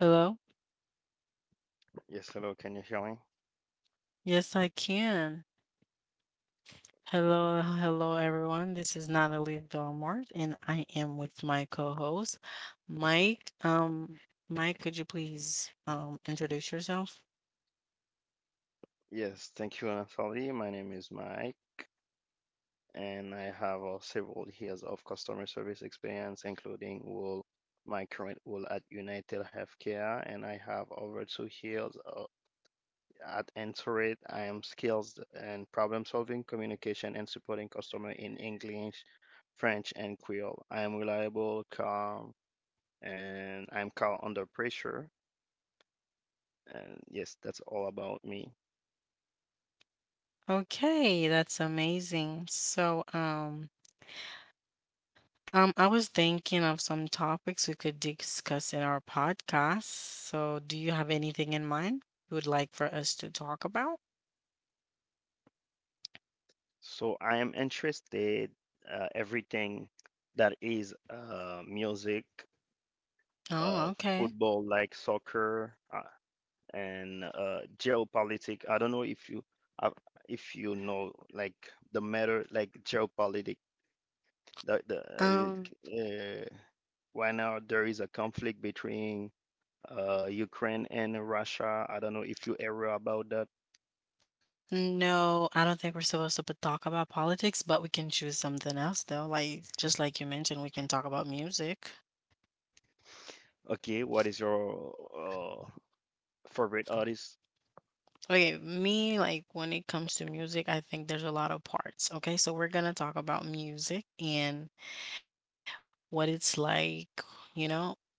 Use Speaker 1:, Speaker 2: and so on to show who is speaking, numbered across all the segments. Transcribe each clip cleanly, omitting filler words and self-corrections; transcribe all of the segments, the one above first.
Speaker 1: Hello?
Speaker 2: Yes, hello, can you hear me?
Speaker 1: Yes, I can. Hello, hello, everyone. This is Natalie Dormart, and I am with my co-host, Mike. Mike, could you please introduce yourself?
Speaker 2: Yes, thank you, Natalie. My name is Mike, and I have several years of customer service experience, including role, my current role at United Healthcare, and I have over two years at Intuit. I am skills in problem solving, communication, and supporting customer in English, French, and Creole. I am reliable, calm, and I'm calm under pressure. And yes, that's all about me.
Speaker 1: Okay, that's amazing. So, I was thinking of some topics we could discuss in our podcast. So, do you have anything in mind you would like for us to talk about?
Speaker 2: So I am interested everything that is music, uh,
Speaker 1: Oh, okay.
Speaker 2: football like soccer, and geopolitics. I don't know uh, if you know like the matter like geopolitics. The
Speaker 1: Um.
Speaker 2: uh, right now there is a conflict between Ukraine and Russia. I don't know if you ever about that.
Speaker 1: No, I don't think we're supposed to but talk about politics, but we can choose something else though. Like just like you mentioned, we can talk about music.
Speaker 2: Okay, what is your favorite artist?
Speaker 1: Okay, me like when it comes to music, I think there's a lot of parts. Okay, so we're gonna talk about music and what it's like, you know. And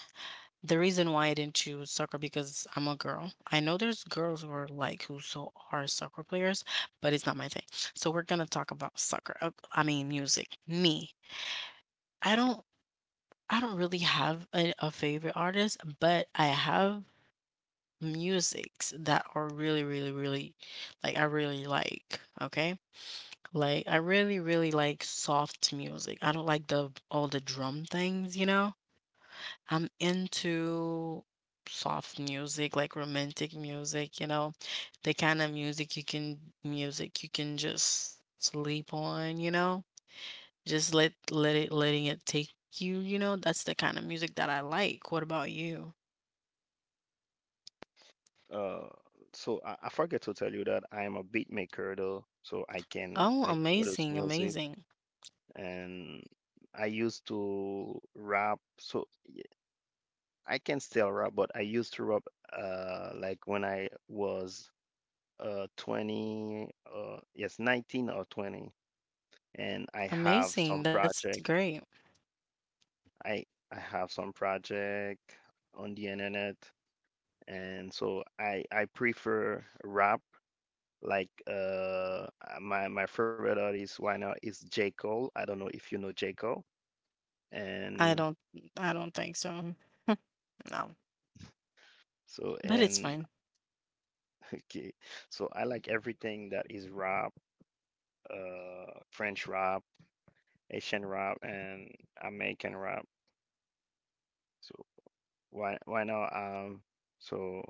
Speaker 1: the reason why I didn't choose soccer because I'm a girl. I know there's girls who are like who so are soccer players, but it's not my thing. So we're gonna talk about soccer. I mean music. Me. I don't I don't really have a favorite artist, but I have musics that are really, really, really like I really like. Okay. Like I really, really like soft music. I don't like the all the drum things, you know? I'm into soft music, like romantic music, you know, the kind of music you can just sleep on, you know? Just letting it take you, you know? That's the kind of music that I like. What about you?
Speaker 2: Uh, so I forget to tell you that I am a beat maker though, so I can
Speaker 1: Oh,
Speaker 2: like produce
Speaker 1: amazing,
Speaker 2: music
Speaker 1: amazing.
Speaker 2: and I used to rap, so I can still rap, but I used to rap like when I was 20, yes, 19 or 20, and I have
Speaker 1: Amazing.
Speaker 2: some
Speaker 1: That's
Speaker 2: project.
Speaker 1: great.
Speaker 2: I I have some project on the internet, and so I prefer rap. Like uh, uh, my favorite artist right now is J. Cole. I don't know if you know J. Cole.
Speaker 1: I
Speaker 2: And
Speaker 1: don't I don't think so. No.
Speaker 2: so
Speaker 1: But it's
Speaker 2: and
Speaker 1: fine.
Speaker 2: Okay, so I like everything that is rap, French rap, Asian rap, and American rap. So why now so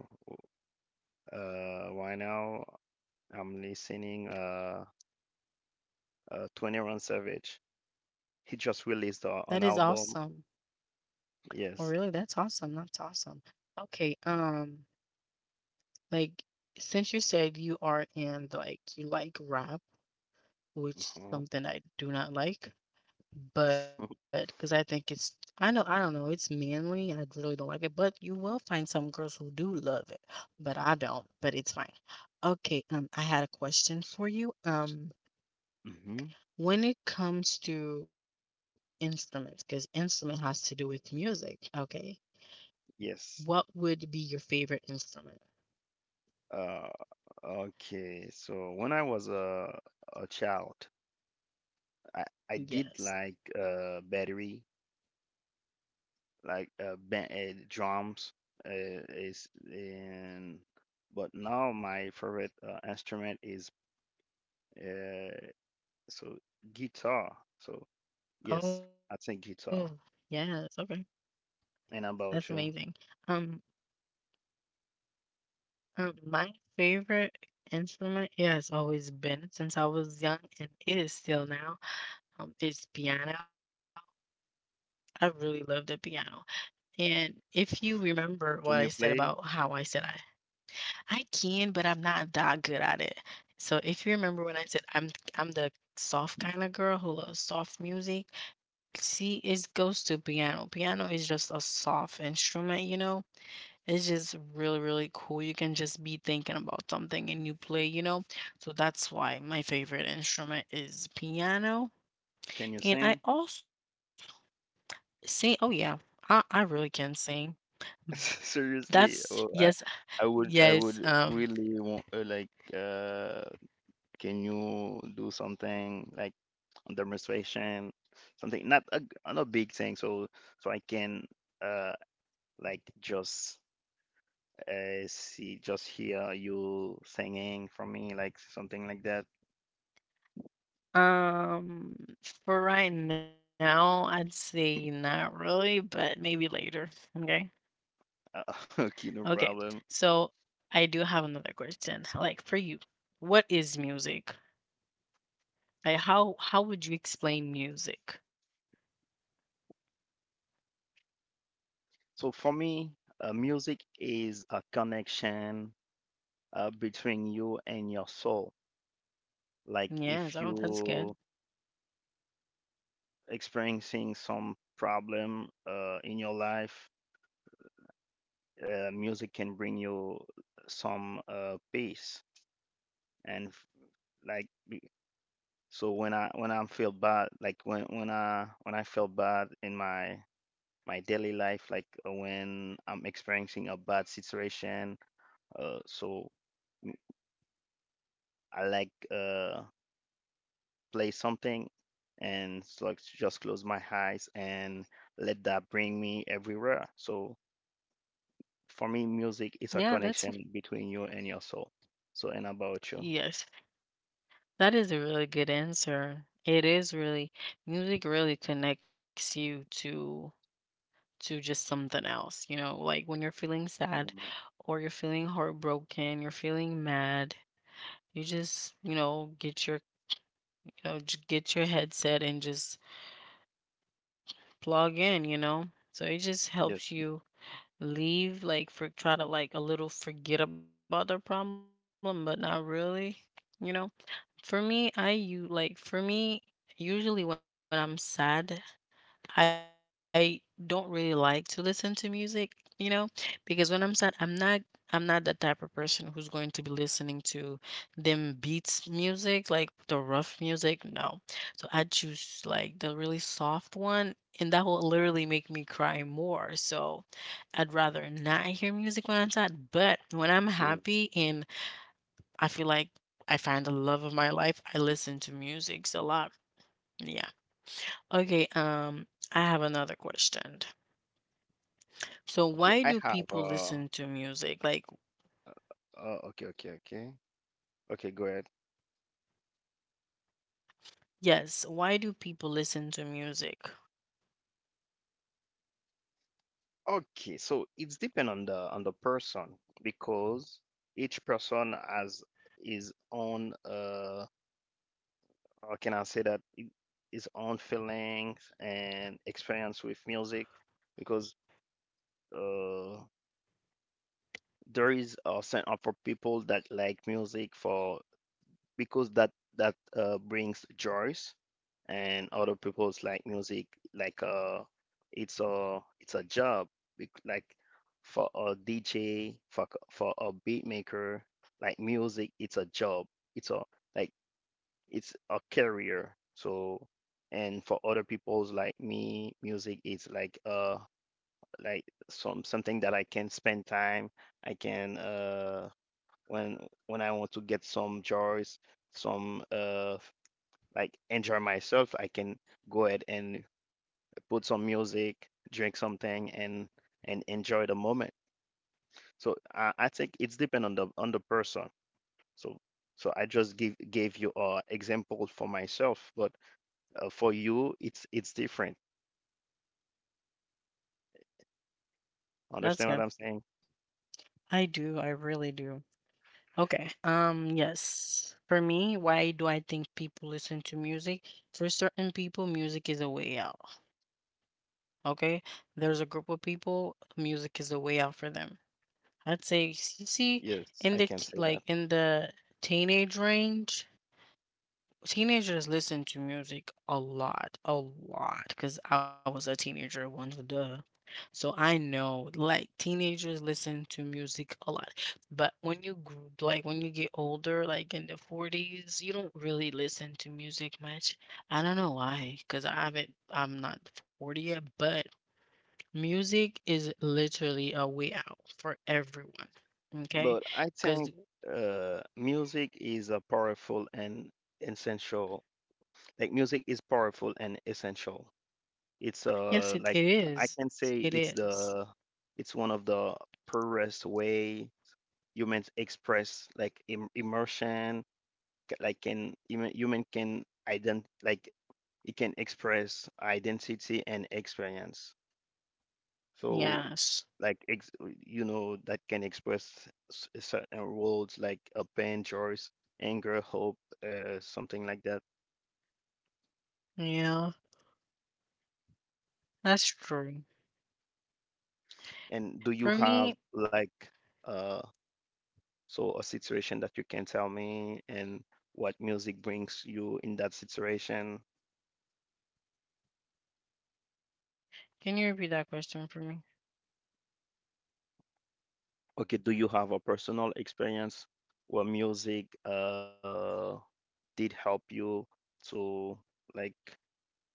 Speaker 2: why now I'm listening 21 Savage. He just
Speaker 1: That is
Speaker 2: released an
Speaker 1: awesome.
Speaker 2: album.
Speaker 1: Well, really,
Speaker 2: Yes.
Speaker 1: that's awesome. That's awesome. Okay, like since you said you are in like you like rap, which is
Speaker 2: Uh
Speaker 1: something I do not like. But because I think it's, I know, I don't know, it's manly. I really don't like it, but you will find some girls who do love it, but I don't, but it's fine. Okay, I had a question for you.
Speaker 2: hmm hmm.
Speaker 1: When it comes to instruments, because instrument has to do with music, okay? What
Speaker 2: Yes.
Speaker 1: would be your favorite instrument?
Speaker 2: Uh, okay. So when I was a child, I I did
Speaker 1: Yes.
Speaker 2: like battery, like ban drums, uh, is in. But now my favorite instrument is uh so guitar. So yes,
Speaker 1: Oh,
Speaker 2: I think
Speaker 1: yes.
Speaker 2: guitar.
Speaker 1: Okay. That's
Speaker 2: And
Speaker 1: amazing.
Speaker 2: about you?
Speaker 1: Um, my favorite instrument, yeah, has always been since I was young, and it is still now. It's piano. I really love the piano. And if you remember what I said
Speaker 2: Can you
Speaker 1: about
Speaker 2: play?
Speaker 1: how I said I can, but I'm not that good at it. So if you remember when I said I'm the soft kind of girl who loves soft music. See, it goes to piano. Piano is just a soft instrument, you know, it's just really, really cool. You can just be thinking about something and you play, you know? So that's why my favorite instrument is piano.
Speaker 2: Can you
Speaker 1: And I
Speaker 2: sing?
Speaker 1: also sing. Oh, yeah, I really can sing. B- That's
Speaker 2: Seriously, oh,
Speaker 1: yes,
Speaker 2: I I
Speaker 1: yes.
Speaker 2: would really want. Can you do something like on demonstration, something not a big thing, so so I can uh like just see, just hear you singing from me, like something like that.
Speaker 1: Um, for right now, I'd say not really, but maybe later. Okay.
Speaker 2: Uh, okay, no
Speaker 1: Okay.
Speaker 2: problem.
Speaker 1: So I do have another question. Like for you, what is music? Like how would you explain music?
Speaker 2: So for me, music is a connection between you and your soul. Like
Speaker 1: Yes.
Speaker 2: if
Speaker 1: Oh, that's
Speaker 2: you
Speaker 1: good.
Speaker 2: experiencing some problem in your life, music can bring you some peace and f- like be- so when I feel bad like when I feel bad in my daily life, like when I'm experiencing a bad situation, uh, so mm, I like play something and like just close my eyes and let that bring me everywhere. So for me music
Speaker 1: Yeah,
Speaker 2: is a connection between you and your soul. And about you?
Speaker 1: yes. That is a really good answer. It is really music really connects you to just something else, you know, like when you're feeling sad
Speaker 2: Mhm.
Speaker 1: or you're feeling heartbroken, you're feeling mad, you just, you know, get your you know, get your headset and just plug in, you know. So it
Speaker 2: Yes.
Speaker 1: just helps you leave like for try to like a little forget about the problem, but not really, you know. For me, I you like for me, usually when I'm sad, I don't really like to listen to music, you know, because when I'm sad, I'm not the type of person who's going to be listening to them beats music, like the rough music. No. So I choose like the really soft one, and that will literally make me cry more. So I'd rather not hear music when I'm sad, but when I'm
Speaker 2: Mm.
Speaker 1: happy and I feel like I find the love of my life. I listen to music a lot. Yeah. Okay. I have another question. So,
Speaker 2: Okay,
Speaker 1: why
Speaker 2: I
Speaker 1: do
Speaker 2: have
Speaker 1: people listen to music? Like,
Speaker 2: uh okay. Okay, go ahead.
Speaker 1: yes, why do people listen to music?
Speaker 2: Okay, so it's depend on the person, because each person has his own how can I say that I- his own feelings and experience with music, because uh there is a certain for people that like music for because that that brings joys, and other people's like music like it's a job, bec- like for a DJ, for for a beat maker, like music it's a job, it's a like it's a career. So and for other people's like me, music is like like some something that I can spend time. I can when I want to get some joys, some like enjoy myself, I can go ahead and put some music, drink something, and enjoy the moment. So I think it's depend on the person. So I just give gave you a example for myself, but for you it's different.
Speaker 1: That's
Speaker 2: Understand what
Speaker 1: good.
Speaker 2: I'm saying?
Speaker 1: I do. I really do. Okay. Yes. For me, why do I think people listen to music? For certain people, music is a way out. Okay. There's a group of people, music is a way out for them. I'd say see
Speaker 2: Yes,
Speaker 1: in
Speaker 2: I
Speaker 1: the
Speaker 2: can say
Speaker 1: like
Speaker 2: that.
Speaker 1: in the teenage range. Teenagers listen to music a lot, because I was a teenager once, duh. So I know, like, teenagers listen to music a lot. But when you, like, when you get older, like in the 40s, you don't really listen to music much. I don't know why, because I haven't, I'm not 40 yet, but music is literally a way out for everyone.
Speaker 2: But
Speaker 1: Okay?
Speaker 2: I think
Speaker 1: Because,
Speaker 2: music is a powerful and essential. Like music is powerful and essential. It's
Speaker 1: yes, it, it
Speaker 2: I
Speaker 1: is.
Speaker 2: can
Speaker 1: It
Speaker 2: say it's
Speaker 1: is.
Speaker 2: the it's one of the purest way humans express like immersion, human can ident like it can express identity and experience. So
Speaker 1: Yes.
Speaker 2: like ex- you know that can express certain words like a pain, joy, anger, hope, something like that.
Speaker 1: Yeah, that's true.
Speaker 2: And do
Speaker 1: For
Speaker 2: you
Speaker 1: me,
Speaker 2: have like uh? so a situation that you can tell me and what music brings you in that situation.
Speaker 1: can you repeat that question for me?
Speaker 2: Okay, do you have a personal experience where music did help you to like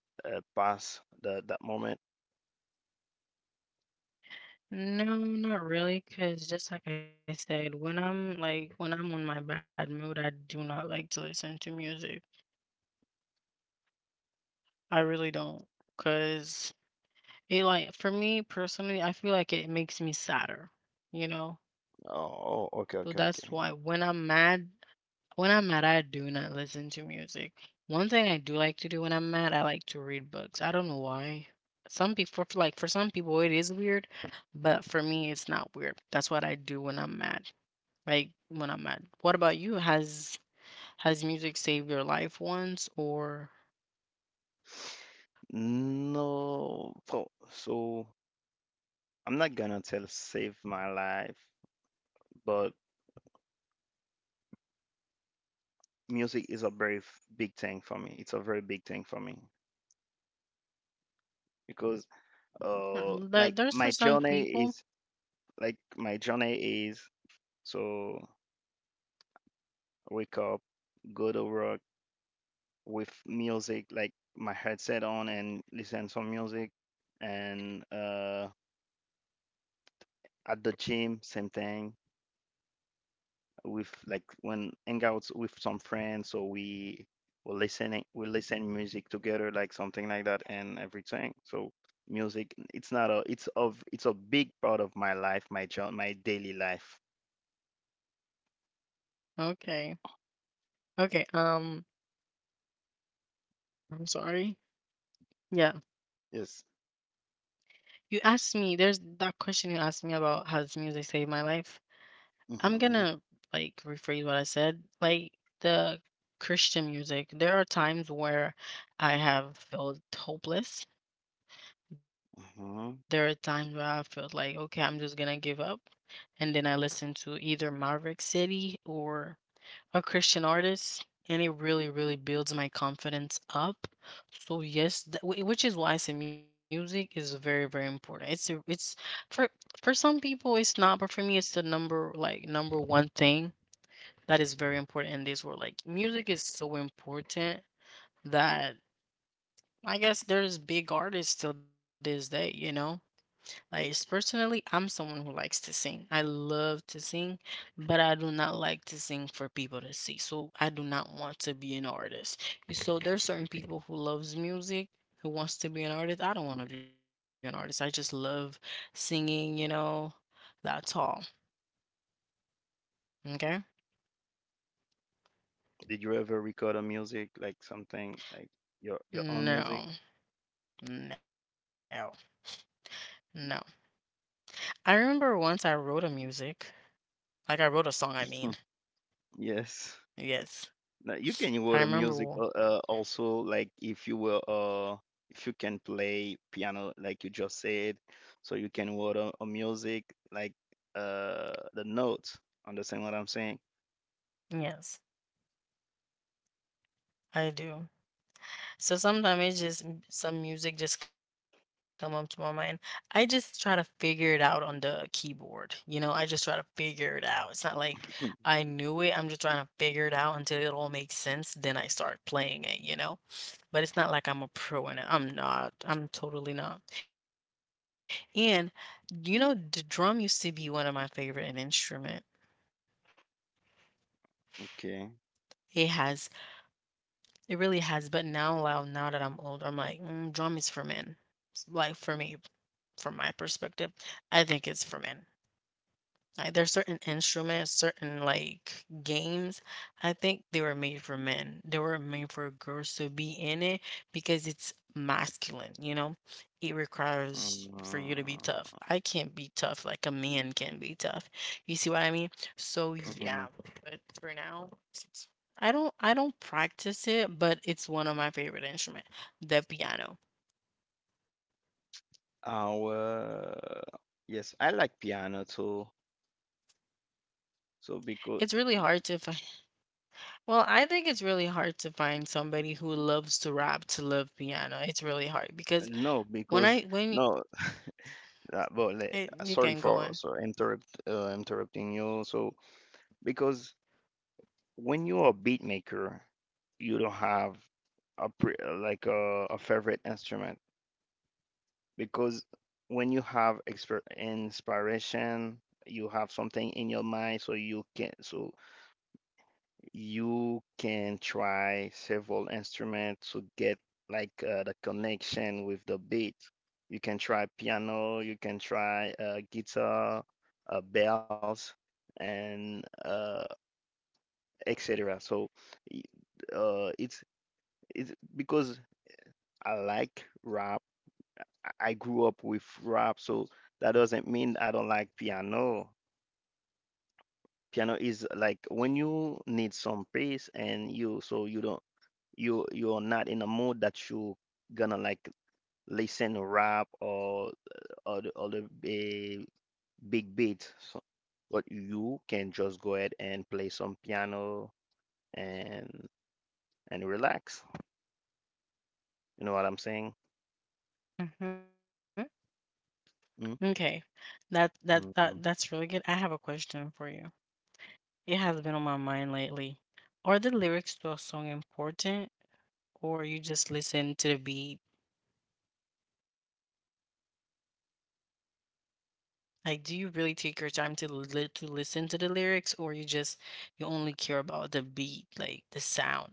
Speaker 2: pass the that moment?
Speaker 1: No, not really. Because, just like I said, when I'm like, when I'm on my bad mood, I do not like to listen to music. I really don't. Because it, like, for me personally, I feel like it makes me sadder, you know?
Speaker 2: Oh, okay,
Speaker 1: So
Speaker 2: okay,
Speaker 1: that's
Speaker 2: okay.
Speaker 1: why when I'm mad, when I'm mad, I do not listen to music. One thing I do like to do when I'm mad, I like to read books. I don't know why. Some people, for like for some people, it is weird, but for me, it's not weird. That's what I do when I'm mad. Like when I'm mad. What about you? Has music saved your life once, or
Speaker 2: No, so so I'm not gonna tell save my life, but music is a very big thing for me. It's a very big thing for me. Because.
Speaker 1: mm,
Speaker 2: Like
Speaker 1: there's for
Speaker 2: my
Speaker 1: some
Speaker 2: journey is
Speaker 1: people?
Speaker 2: like my journey is so wake up, go to work with music like my headset on and listen some music, and at the gym same thing, with like when hangouts with some friends, so we listen music together, like something like that, and everything. So music it's not a it's of it's a big part of my life, my job, my daily life.
Speaker 1: Okay, okay. I'm sorry. Yeah,
Speaker 2: Yes.
Speaker 1: you asked me. There's that question you asked me about. Has music saved my life? I'm gonna
Speaker 2: Mhm.
Speaker 1: like rephrase what I said. Like the Christian music, there are times where I have felt hopeless. There are times where
Speaker 2: Hmm.
Speaker 1: I felt like, okay, I'm just gonna give up. And then I listen to either Maverick City or a Christian artist, and it really, really builds my confidence up. So yes, which is why I say music is very, very important. It's for for some people it's not, but for me it's the number like number one thing that is very important in this world. Like music is so important that I guess there's big artists till this day, you know? Like personally, I'm someone who likes to sing. I love to sing, but I do not like to sing for people to see. So I do not want to be an artist. So there's certain people who loves music, who wants to be an artist. I don't want to be an artist. I just love singing, you know. That's all. Okay?
Speaker 2: Did you ever record a music, like something like your own music?
Speaker 1: No. No. No. I remember once I wrote a music. Like I wrote a song, I mean.
Speaker 2: Hmm. Yes.
Speaker 1: Yes.
Speaker 2: Now you can
Speaker 1: I
Speaker 2: record a
Speaker 1: remember.
Speaker 2: music also, like if you were if you can play piano like you just said, so you can record a music like the notes. Understand what I'm saying?
Speaker 1: Yes, I do. So sometimes it's just some music just come up to my mind. I just try to figure it out on the keyboard. You know, I just try to figure it out. It's not like I knew it. I'm just trying to figure it out until it all makes sense. Then I start playing it, you know? But it's not like I'm a pro in it. I'm not. I'm totally not. And, you know, the drum used to be one of my favorite instrument.
Speaker 2: Okay.
Speaker 1: It has. It really has, but now that I'm older, I'm like, mm, drum is for men. Like for me, from my perspective, I think it's for men. Like, there's certain instruments, certain, like, games, I think they were made for men. They were made for girls to be in it because it's masculine, you know? It requires for you
Speaker 2: Uh,
Speaker 1: to be tough. I can't be tough like a man can be tough. You see what I mean? So, yeah,
Speaker 2: mhm.
Speaker 1: but for now, I don't practice it, but it's one of my favorite instruments, the piano.
Speaker 2: Our Yes, I like piano too. So
Speaker 1: It's really hard to find well, I think it's really hard to find somebody who loves to rap to love piano. It's really hard because when I
Speaker 2: because
Speaker 1: when y-
Speaker 2: no, Uh, well, le-
Speaker 1: it, you can
Speaker 2: sorry
Speaker 1: go
Speaker 2: for
Speaker 1: on.
Speaker 2: interrupting you. So because when you're a beat maker, you don't have a pre like a favorite instrument, because when you have exper inspiration, you have something in your mind, so you can try several instruments to get like the connection with the beat. You can try piano, you can try guitar, bells, and etc. So y- uh, it's it's because I like rap. I grew up with rap, so that doesn't mean I don't like piano. Piano is like when you need some pace, and you don't you're not in a mood that you gonna like listen rap, or or the big beat. So, but you can just go ahead and play some piano and relax. You know what I'm saying?
Speaker 1: Hmm. Okay,
Speaker 2: Mm,
Speaker 1: that's really good.
Speaker 2: mhm.
Speaker 1: I have a question for you. It has been on my mind lately. Are the lyrics to a song important or you just listen to the beat? Like, do you really take your time to to listen to the lyrics or you just you only care about the beat, like the sound?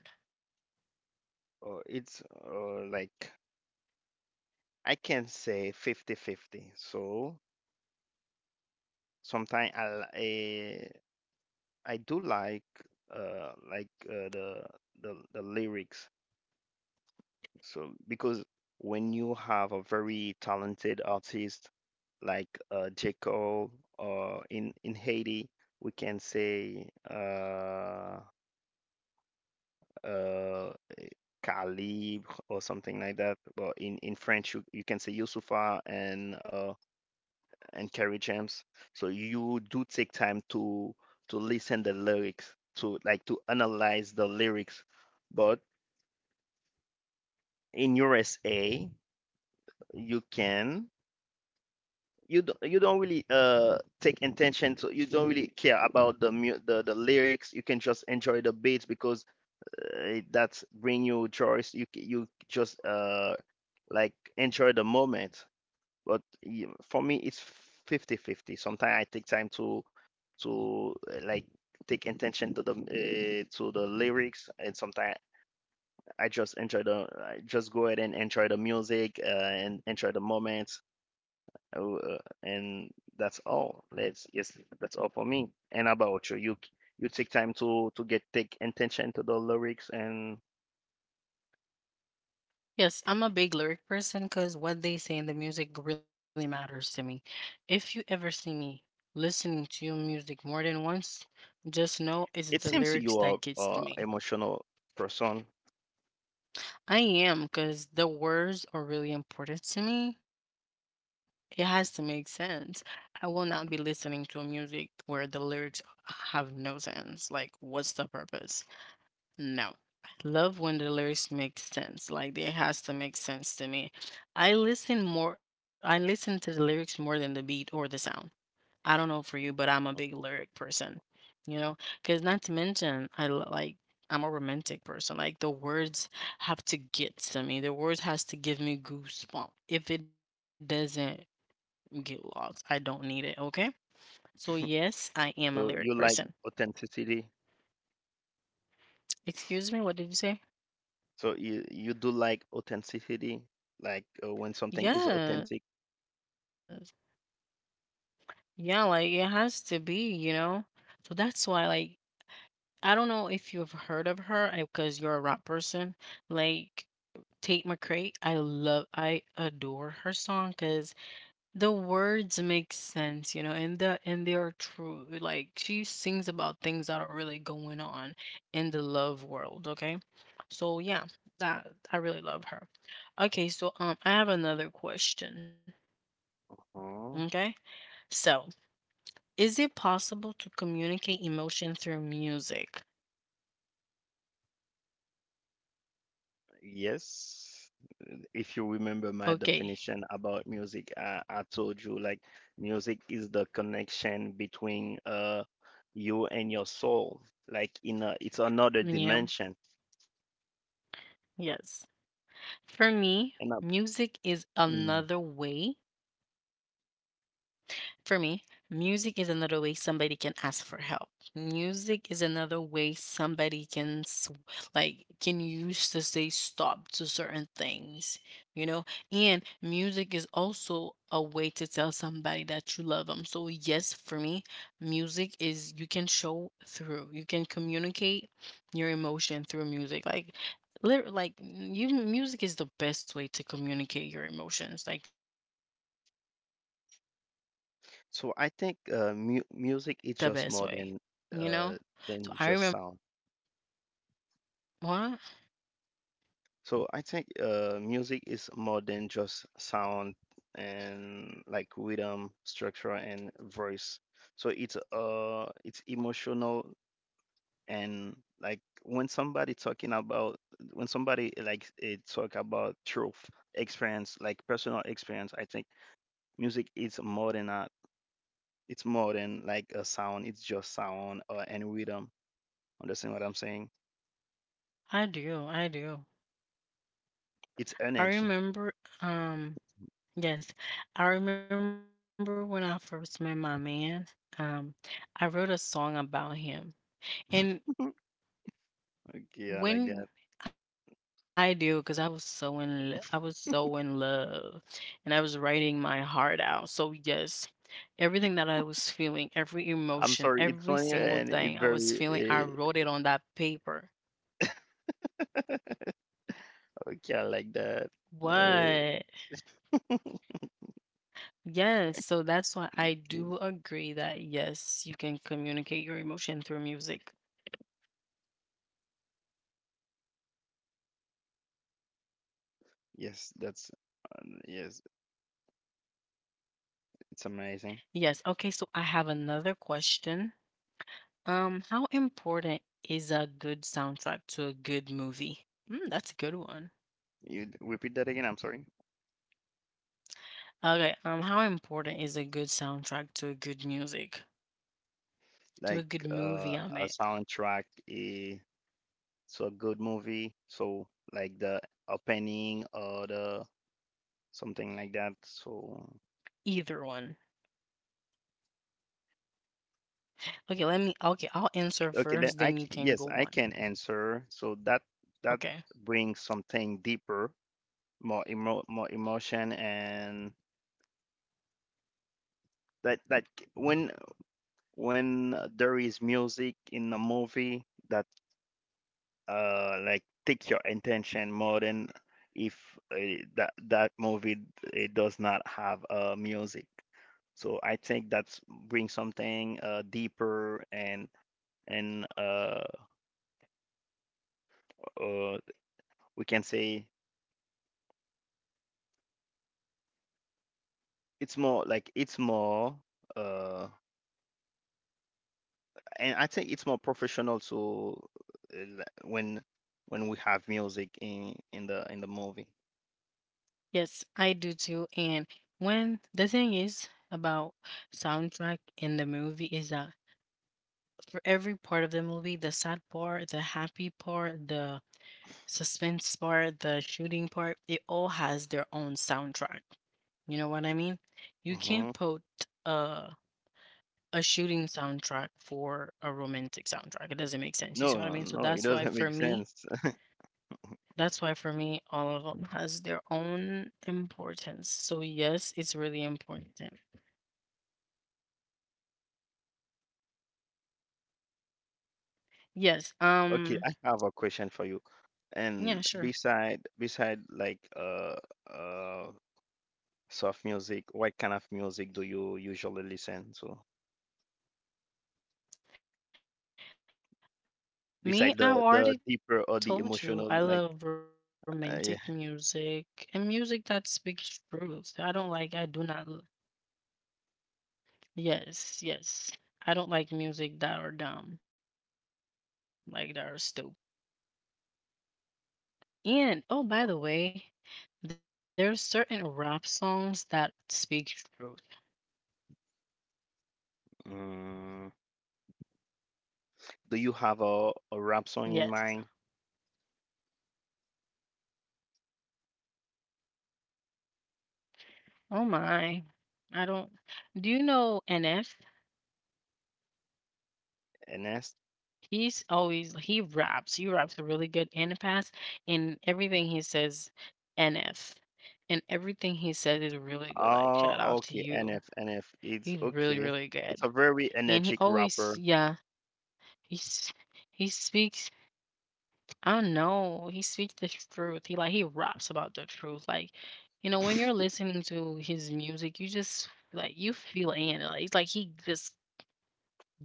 Speaker 2: It's like I can say 50-50. So sometimes I do like uh like uh, the the lyrics. So because when you have a very talented artist like J. Cole, or in Haiti, we can say uh Calibre or something like that. But in French, you can say Youssoufa and Kerry James. So you do take time to listen the lyrics, to like to analyze the lyrics. But in USA, you can you don't really take intention to you don't really care about the the lyrics. You can just enjoy the beats because that's bring you joy. You just like enjoy the moment, but for me it's 50-50. Sometimes I take time to like take attention to the lyrics, and sometimes I just enjoy the I just go ahead and enjoy the music and enjoy the moments, uh, uh, and that's all. That's all for me. And about you, you take time to get take attention to the lyrics, and
Speaker 1: Yes, I'm a big lyric person because what they say in the music really matters to me. If you ever see me listening to your music more than once, just know it's the
Speaker 2: it
Speaker 1: lyrics
Speaker 2: seems you
Speaker 1: that
Speaker 2: are
Speaker 1: gets to me.
Speaker 2: emotional person.
Speaker 1: I am, cause the words are really important to me. It has to make sense. I will not be listening to a music where the lyrics have no sense. Like, what's the purpose? No. I love when the lyrics make sense. Like, it has to make sense to me. I listen to the lyrics more than the beat or the sound. I don't know for you, but I'm a big lyric person, you know? Because not to mention, like, I'm a romantic person. Like, the words have to get to me. The words has to give me goosebumps. If it doesn't get lost, I don't need it, okay? So, yes, I am a lyric
Speaker 2: So you
Speaker 1: person.
Speaker 2: like authenticity.
Speaker 1: Excuse me, what did you say?
Speaker 2: So you do like authenticity, like when something is authentic.
Speaker 1: Yes. Yeah, like, it has to be, you know? So that's why, like, I don't know if you've heard of her because you're a rap person. Like, Tate McRae, I adore her song because the words make sense, you know, and they are true. Like she sings about things that are really going on in the love world, okay? So yeah, that I really love her. Okay, so I have another question.
Speaker 2: uh
Speaker 1: Okay? So, is it possible to communicate emotion through music?
Speaker 2: Yes. If you remember my definition
Speaker 1: Okay.
Speaker 2: about music, I told you like music is the connection between you and your soul. Like in a, it's another
Speaker 1: Yeah.
Speaker 2: dimension.
Speaker 1: Yes. For me,
Speaker 2: And I,
Speaker 1: music is
Speaker 2: mm,
Speaker 1: another way For me, music is another way somebody can ask for help. Music is another way somebody can like can use to say stop to certain things, you know? And music is also a way to tell somebody that you love them. So yes, for me, music is you can show through. You can communicate your emotion through music. Like lit- like you music is the best way to communicate your emotions, like the best way, you know? So I remember
Speaker 2: so
Speaker 1: when
Speaker 2: I
Speaker 1: I
Speaker 2: think
Speaker 1: first met
Speaker 2: mu
Speaker 1: my
Speaker 2: music is
Speaker 1: man.
Speaker 2: just more uh than just sound.
Speaker 1: Well,
Speaker 2: So I think music is more than just sound, and like rhythm, structure, and voice. So it's emotional, and like when somebody talking about when somebody like it talk about truth, experience, like personal experience, I think music is more than that. It's more than like a sound. It's just sound, and rhythm. Understand what I'm saying?
Speaker 1: I do, I do.
Speaker 2: It's
Speaker 1: I
Speaker 2: energy.
Speaker 1: remember, um, yes, I remember when I first met my man. Um, I wrote a song about him, and
Speaker 2: Yeah, like that.
Speaker 1: when I do, because I was I was so in love, and I was writing my heart out. So yes, everything that I was feeling, every
Speaker 2: I'm
Speaker 1: emotion,
Speaker 2: sorry, it's
Speaker 1: every
Speaker 2: funny
Speaker 1: single
Speaker 2: and it's
Speaker 1: thing I
Speaker 2: very
Speaker 1: was feeling, I wrote it on that paper.
Speaker 2: okay, I like that. Uh,
Speaker 1: What? Yes, so that's why I
Speaker 2: okay.
Speaker 1: do agree that yes, you can communicate your emotion through music.
Speaker 2: Yes, that's yes, it's amazing.
Speaker 1: Yes. Okay, so I have another question. How important is a good soundtrack to a good movie? Mm, that's a good one.
Speaker 2: Repeat that again, I'm sorry.
Speaker 1: Okay, how important is a good soundtrack to a good music? To a
Speaker 2: Like
Speaker 1: good movie, I
Speaker 2: a
Speaker 1: meant.
Speaker 2: soundtrack is so a good movie, so like the opening or the something like that. So
Speaker 1: Either one. Okay, I'll answer
Speaker 2: okay, then
Speaker 1: first, then you can
Speaker 2: yes,
Speaker 1: go
Speaker 2: I
Speaker 1: on.
Speaker 2: can answer. So that
Speaker 1: Okay.
Speaker 2: brings something deeper, more emotion and when when there is music in a movie that like take your attention more than if that movie it does not have music so I think that's bring something deeper and and uh we can say it's more uh and I think it's more professional so uh, when when we have music in the movie.
Speaker 1: Yes, I do too. And when the thing is about soundtrack in the movie is that for every part of the movie, the sad part, the happy part, the suspense part, the shooting part, it all has their own soundtrack. You know what I mean? You can't put a a shooting soundtrack for a romantic soundtrack. It doesn't make sense. You see
Speaker 2: No,
Speaker 1: what I
Speaker 2: no,
Speaker 1: mean?
Speaker 2: no, it doesn't make sense.
Speaker 1: That's why for me, all of them has their own importance. So yes, it's really important. Yes.
Speaker 2: Okay, I have a question for you. And
Speaker 1: Yeah, sure.
Speaker 2: beside like uh soft music, what kind of music do you usually listen to?
Speaker 1: Me,
Speaker 2: Beside
Speaker 1: I
Speaker 2: the
Speaker 1: already
Speaker 2: deeper
Speaker 1: told
Speaker 2: or
Speaker 1: you
Speaker 2: the
Speaker 1: I love
Speaker 2: emotional, like
Speaker 1: romantic
Speaker 2: yeah.
Speaker 1: music and music that speaks truth. I don't like, I do not, l- yes, yes. I don't like music that are dumb, like that are stupid. That doesn't make any sense. And oh, by the way, there's certain rap songs that speak truth.
Speaker 2: Mm, do you have a rap song in mind,
Speaker 1: Yes. Oh my. I don't. Do you know NF?
Speaker 2: NS?
Speaker 1: He's always he raps. He raps a really good and fast, and everything he says, NF, and everything he says is really good. Like
Speaker 2: Oh,
Speaker 1: shout out to
Speaker 2: okay, NF,
Speaker 1: you.
Speaker 2: NF. It's
Speaker 1: He's
Speaker 2: okay.
Speaker 1: really really
Speaker 2: It's a
Speaker 1: good,
Speaker 2: very
Speaker 1: and
Speaker 2: energetic rapper.
Speaker 1: he's he speaks. I don't know. He speaks the truth. He raps about the truth. Like you know when you're listening to his music, you feel it in. Like it's like he just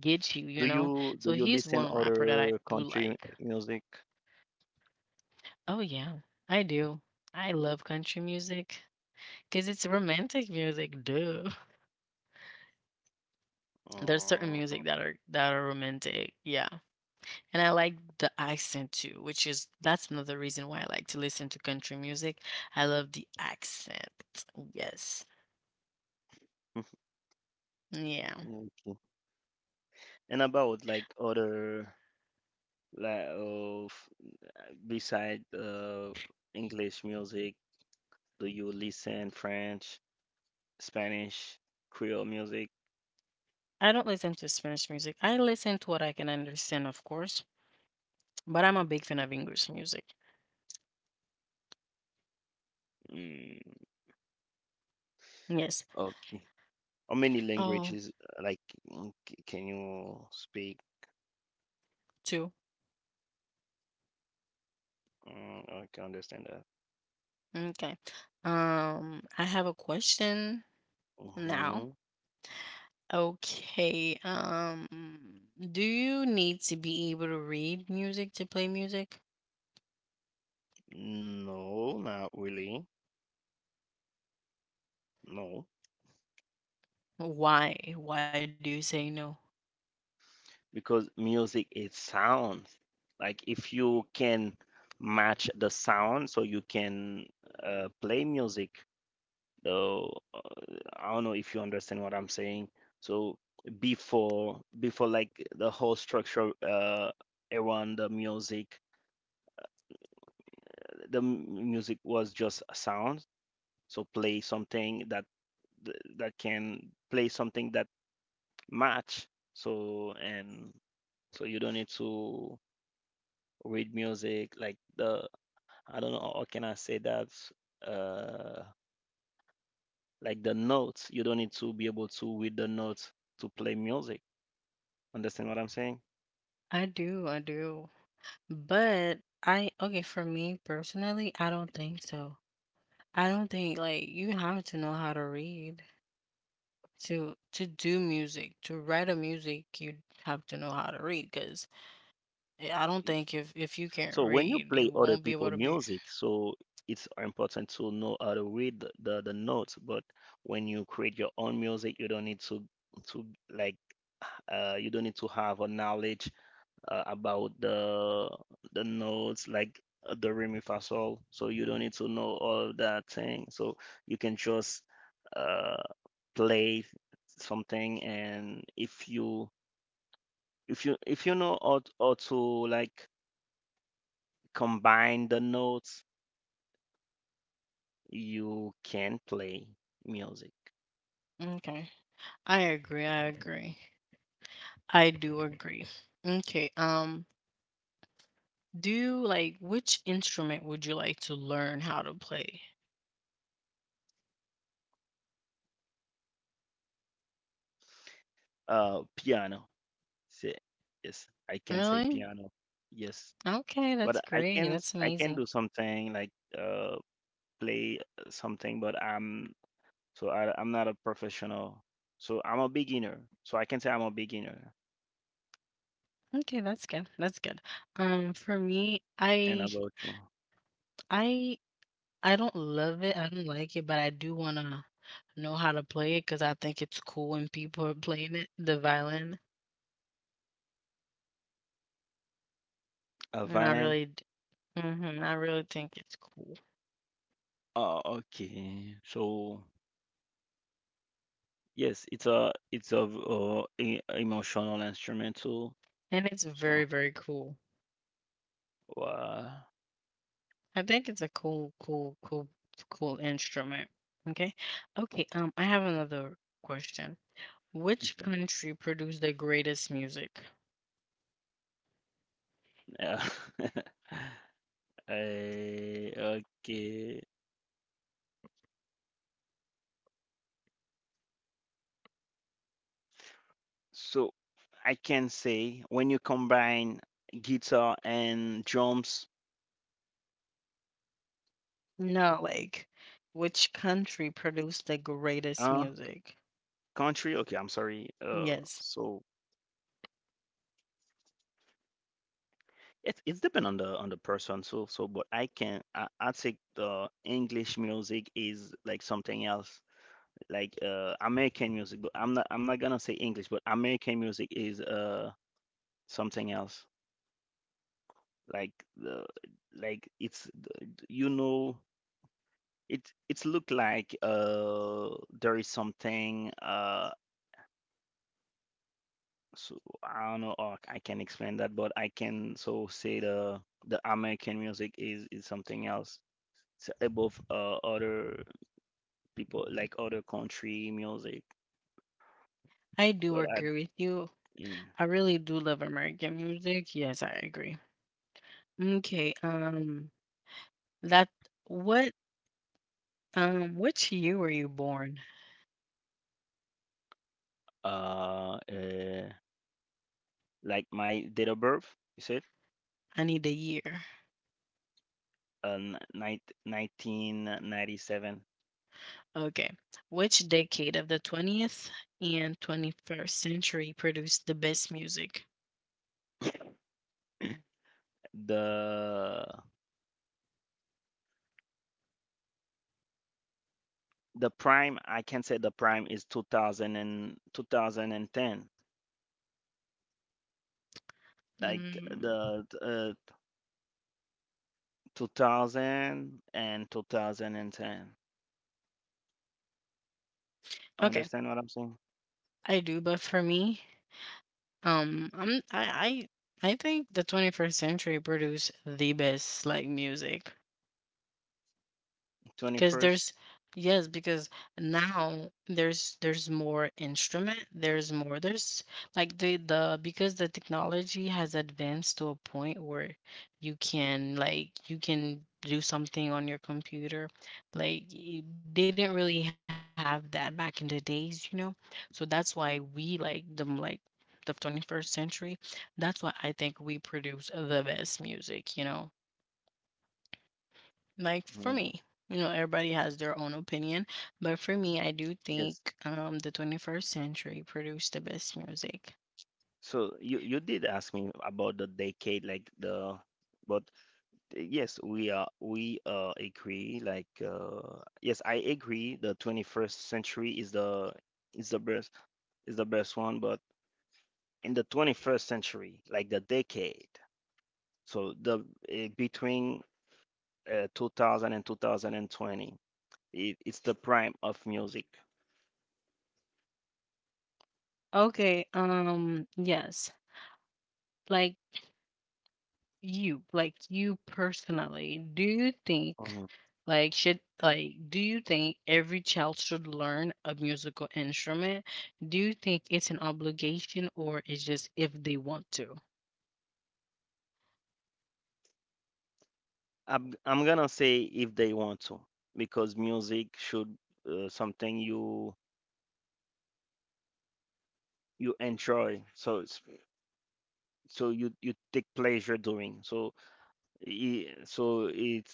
Speaker 1: gets you.
Speaker 2: Do
Speaker 1: You know.
Speaker 2: you do
Speaker 1: So
Speaker 2: you
Speaker 1: he's
Speaker 2: listen
Speaker 1: one rapper that
Speaker 2: other
Speaker 1: I do
Speaker 2: country
Speaker 1: like.
Speaker 2: music?
Speaker 1: Oh, yeah. I do. I love country music because it's romantic music, duh. There's
Speaker 2: Uh,
Speaker 1: certain music that are romantic, yeah. And I like the accent too, which is that's another reason why I like to listen to country music. I love the accent. Yes. Yeah.
Speaker 2: okay. And about like other like of beside English music, do you listen French, Spanish, Creole music?
Speaker 1: I don't listen to Spanish music. I listen to what I can understand, of course, but I'm a big fan of English music.
Speaker 2: Mm,
Speaker 1: Yes.
Speaker 2: okay. How many
Speaker 1: Oh,
Speaker 2: languages uh, like can you speak?
Speaker 1: two.
Speaker 2: Mm, I can understand that.
Speaker 1: Okay. I have a question now.
Speaker 2: Hmm.
Speaker 1: Okay. Do you need to be able to read music to play music?
Speaker 2: No, not really. No.
Speaker 1: Why? Why do you say no?
Speaker 2: Because music is sound. Like if you can match the sound, so you can play music. Though I don't know if you understand what I'm saying. So before like the whole structure around the music, music was just a sound. So play something that that can play something that match. So and so you don't need to read music, like the I don't know how can I say that uh like the notes. You don't need to be able to read the notes to play music. Understand what I'm saying?
Speaker 1: I do, I do. But okay, for me personally, I don't think so. I don't think like you have to know how to read to do music, to write a music, you have to know how to read because I don't think if you can't
Speaker 2: So when you
Speaker 1: read,
Speaker 2: play
Speaker 1: you
Speaker 2: other
Speaker 1: won't be able
Speaker 2: people
Speaker 1: to be.
Speaker 2: music, so it's important to know how to read the notes, but when you create your own music, you don't need to like you don't need to have a knowledge about the notes like the re mi fa sol. So you don't need to know all of that thing. So you can just uh, play something, and if you if you know how to like combine the notes, you can play music.
Speaker 1: Okay. I agree, I agree. I do agree. Okay. Do you like which instrument would you like to learn how to play?
Speaker 2: Piano. Say yes, I can say
Speaker 1: Really?
Speaker 2: piano. Yes,
Speaker 1: Okay,
Speaker 2: but
Speaker 1: that's
Speaker 2: I
Speaker 1: great.
Speaker 2: can
Speaker 1: That's
Speaker 2: I can
Speaker 1: amazing.
Speaker 2: do something like uh play something, but I'm not a professional. So I'm a beginner. So I can say I'm a beginner.
Speaker 1: Okay, that's good. That's good. For me,
Speaker 2: And about you,
Speaker 1: I I don't love it. I don't like it, but I do want to know how to play it because I think it's cool when people are playing it, the violin.
Speaker 2: a
Speaker 1: And I
Speaker 2: violin.
Speaker 1: really, mm-hmm, I really think it's cool.
Speaker 2: Oh, okay. So yes, it's a emotional instrumental.
Speaker 1: And it's very,
Speaker 2: So
Speaker 1: very cool.
Speaker 2: wow.
Speaker 1: I think it's a cool instrument. Okay. Okay. I have another question. Which
Speaker 2: Mhm.
Speaker 1: country produced the greatest music?
Speaker 2: Yeah. Eh, okay. So I can say when you combine guitar and drums,
Speaker 1: No, like, which country produced the greatest
Speaker 2: uh,
Speaker 1: music?
Speaker 2: country. Okay, I'm sorry.
Speaker 1: Yes,
Speaker 2: So it's depend on the person. So but I think the English music is like something else, like American music. But I'm not gonna say English, but American music is something else. Like the like you know it's look like there is something so I don't know or I can explain that, but I can so say the American music is something else. Above other people like other country music,
Speaker 1: I do
Speaker 2: but I
Speaker 1: agree with you.
Speaker 2: yeah.
Speaker 1: I really do love American music. Yes, I agree. Okay. That what which year were you born?
Speaker 2: uh, uh like my date of birth you said
Speaker 1: I need a year.
Speaker 2: 1997.
Speaker 1: Okay. Which decade of the 20th and 21st century produced the best music?
Speaker 2: the the prime I can say the prime is 2002 thousand and ten. Like
Speaker 1: Mm,
Speaker 2: the 2000.
Speaker 1: okay.
Speaker 2: Understand what I'm saying?
Speaker 1: I do, but for me, I'm I think the 21st century produced the best like music. Because
Speaker 2: 21st.
Speaker 1: there's yes, because now there's more instrument, there's more there's like the because the technology has advanced to a point where you can do something on your computer. Like they didn't really have that back in the days, you know? So that's why we like them like the 21st century. That's why I think we produce the best music, you know? Like for
Speaker 2: Mhm.
Speaker 1: me, you know, everybody has their own opinion, but for me I do
Speaker 2: Yes.
Speaker 1: think the 21st century produced the best music.
Speaker 2: So you did ask me about the decade, like the, but yes, we agree. Like yes, I agree. The 21st century is the best is the best one, but in the 21st century, like the decade, so the between 2000 and 2020, it's the prime of music.
Speaker 1: Okay, yes. like like you personally do you think
Speaker 2: Mhm.
Speaker 1: like should like do you think every child should learn a musical instrument? Do you think it's an obligation, or it's just if they want to?
Speaker 2: I'm gonna say if they want to, because music should something you enjoy so it's so you take pleasure doing so so it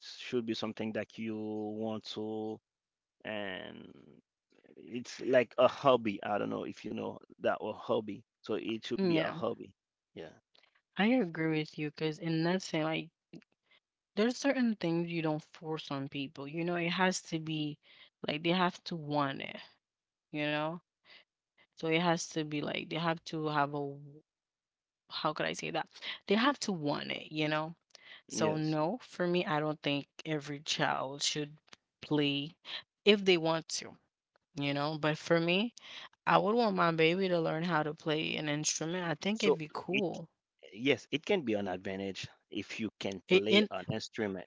Speaker 2: should be something that you want to and it's like a hobby, I don't know if you know that word hobby, so it should be a
Speaker 1: Yeah,
Speaker 2: hobby. Yeah,
Speaker 1: I agree with you because in nothing like there's certain things you don't force on people. You know, it has to be they have to want it, you know? So it has to be like they have to have a w- how could I say that? They have to want it, you know? So
Speaker 2: yes,
Speaker 1: no, for me I don't think every child should play if they want to, you know? But for me, I would want my baby to learn how to play an instrument. I think
Speaker 2: so
Speaker 1: it'd be
Speaker 2: it,
Speaker 1: cool.
Speaker 2: yes, it can be an advantage if you can
Speaker 1: It,
Speaker 2: play
Speaker 1: and
Speaker 2: an instrument.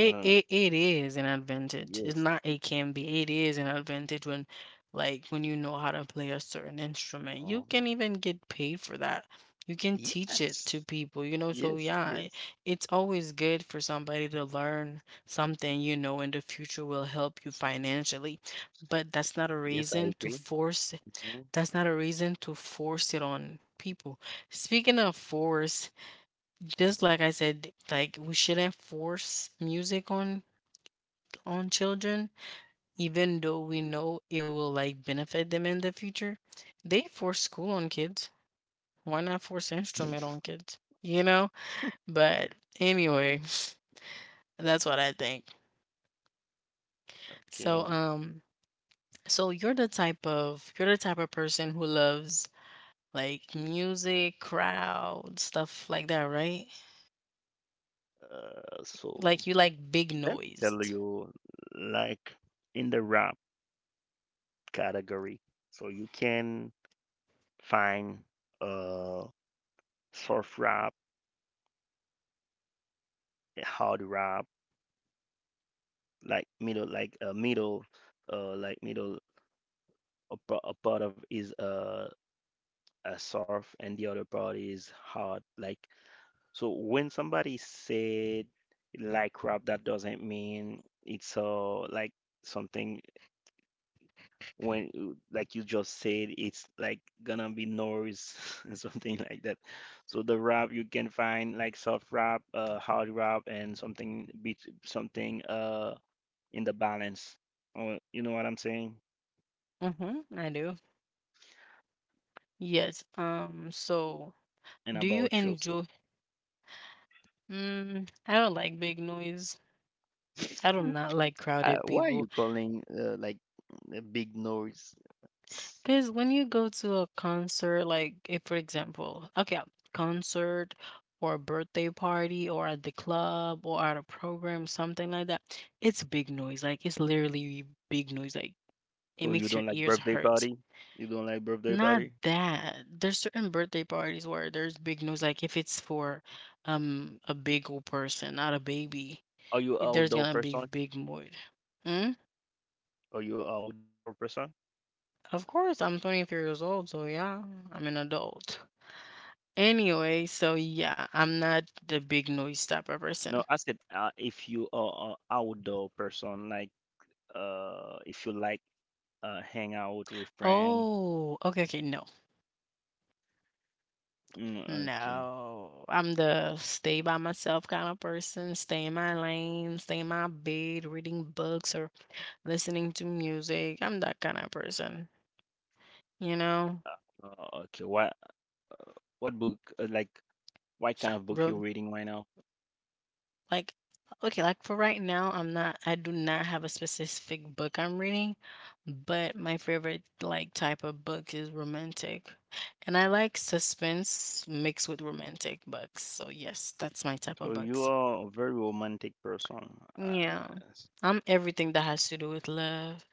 Speaker 2: I don't know.
Speaker 1: it it is an advantage. It's
Speaker 2: Yes.
Speaker 1: not it can be. It is an advantage when when you know how to play a certain instrument. You can
Speaker 2: Oh,
Speaker 1: even get paid for that. You can teach
Speaker 2: yes,
Speaker 1: it to people, you know. So
Speaker 2: yes,
Speaker 1: yeah,
Speaker 2: yes,
Speaker 1: it's always good for somebody to learn something, you know, in the future will help you financially. But that's not a
Speaker 2: yes, I
Speaker 1: reason to
Speaker 2: agree.
Speaker 1: force
Speaker 2: Mhm.
Speaker 1: it on people. Speaking of force, just like I said, like we shouldn't force music on children, even though we know it will like benefit them in the future. They force school on kids. Why not force instrument on kids? You know? But anyway, that's what I think.
Speaker 2: Okay.
Speaker 1: So you're the type of person who loves like music, crowd, stuff like that, right?
Speaker 2: So
Speaker 1: Like you like big
Speaker 2: let me
Speaker 1: noise.
Speaker 2: tell you, like in the rap category, so you can find uh soft rap, hard rap, like middle, like like middle. A, a part of is a soft, and the other part is hard. Like so, when somebody said like rap, that doesn't mean it's like something when like you just said it's like gonna be noise and something like that, so the rap you can find like soft rap, hard rap and something beat, something in the balance. Oh, you know what I'm saying?
Speaker 1: Mm-hmm, I do. Yes. So
Speaker 2: And
Speaker 1: do you
Speaker 2: about you, so
Speaker 1: enjoy? Mm, I don't like big noise. I do not like crowded
Speaker 2: why are you
Speaker 1: people.
Speaker 2: calling like a big noise, so
Speaker 1: Because when you go to a concert, like if for example, okay, concert or a birthday party or at the club or at a program, something like that, it's big noise. Like it's literally big noise. Like it
Speaker 2: you
Speaker 1: makes your
Speaker 2: don't like
Speaker 1: ears
Speaker 2: birthday
Speaker 1: hurt.
Speaker 2: party? You don't like birthday
Speaker 1: Not
Speaker 2: party?
Speaker 1: that. There's certain birthday parties where there's big noise. Like if it's for a big old person, not a baby,
Speaker 2: are you
Speaker 1: there's
Speaker 2: outdoor
Speaker 1: gonna be
Speaker 2: person
Speaker 1: big noise. Mm?
Speaker 2: are you outdoor person
Speaker 1: Of course, I'm 23 years old, so yeah, I'm an adult. Anyway, so yeah, I'm not the big noise stopper person.
Speaker 2: No, I said if you are an outdoor person, like if you like hang out with friends.
Speaker 1: Oh, okay, okay, no.
Speaker 2: Mm, okay.
Speaker 1: No. I'm the stay by myself kind of person, stay in my lane, stay in my bed, reading books or listening to music. I'm that kind of person, you know?
Speaker 2: Okay. What book? Like what kind of book you're reading right now?
Speaker 1: Like, okay, like for right now, I do not have a specific book I'm reading, but my favorite like type of book is romantic. And I like suspense mixed with romantic books. So yes, that's my type of
Speaker 2: So you
Speaker 1: books.
Speaker 2: are a very romantic person.
Speaker 1: Yeah. I'm everything that has to do with love.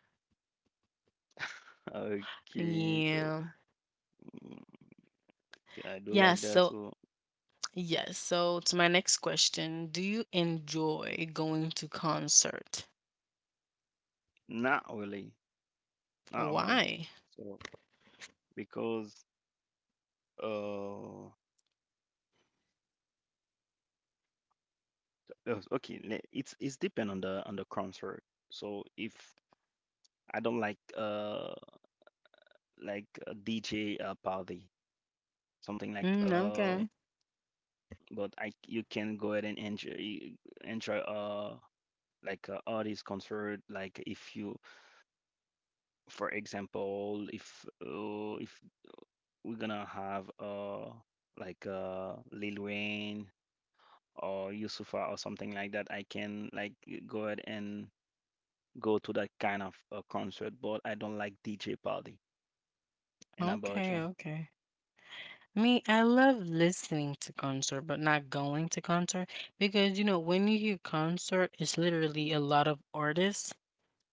Speaker 2: okay. So
Speaker 1: Yeah.
Speaker 2: mm, okay, I do
Speaker 1: Yeah,
Speaker 2: like that.
Speaker 1: so
Speaker 2: So
Speaker 1: yes. So to my next question, do you enjoy going to concert?
Speaker 2: not really, not really.
Speaker 1: Why?
Speaker 2: So because uh, okay, it's depend on the concert. So if I don't like DJ party, something like
Speaker 1: Mm, okay.
Speaker 2: but I, you can go ahead and enjoy like artist concert, like if you, for example, if we're gonna have like Lil Wayne or Yusufa or something like that, I can like go ahead and go to that kind of concert, but I don't like DJ party. And how about
Speaker 1: Okay,
Speaker 2: you?
Speaker 1: okay. Me, I love listening to concert, but not going to concert because you know when you hear concert, it's literally a lot of artists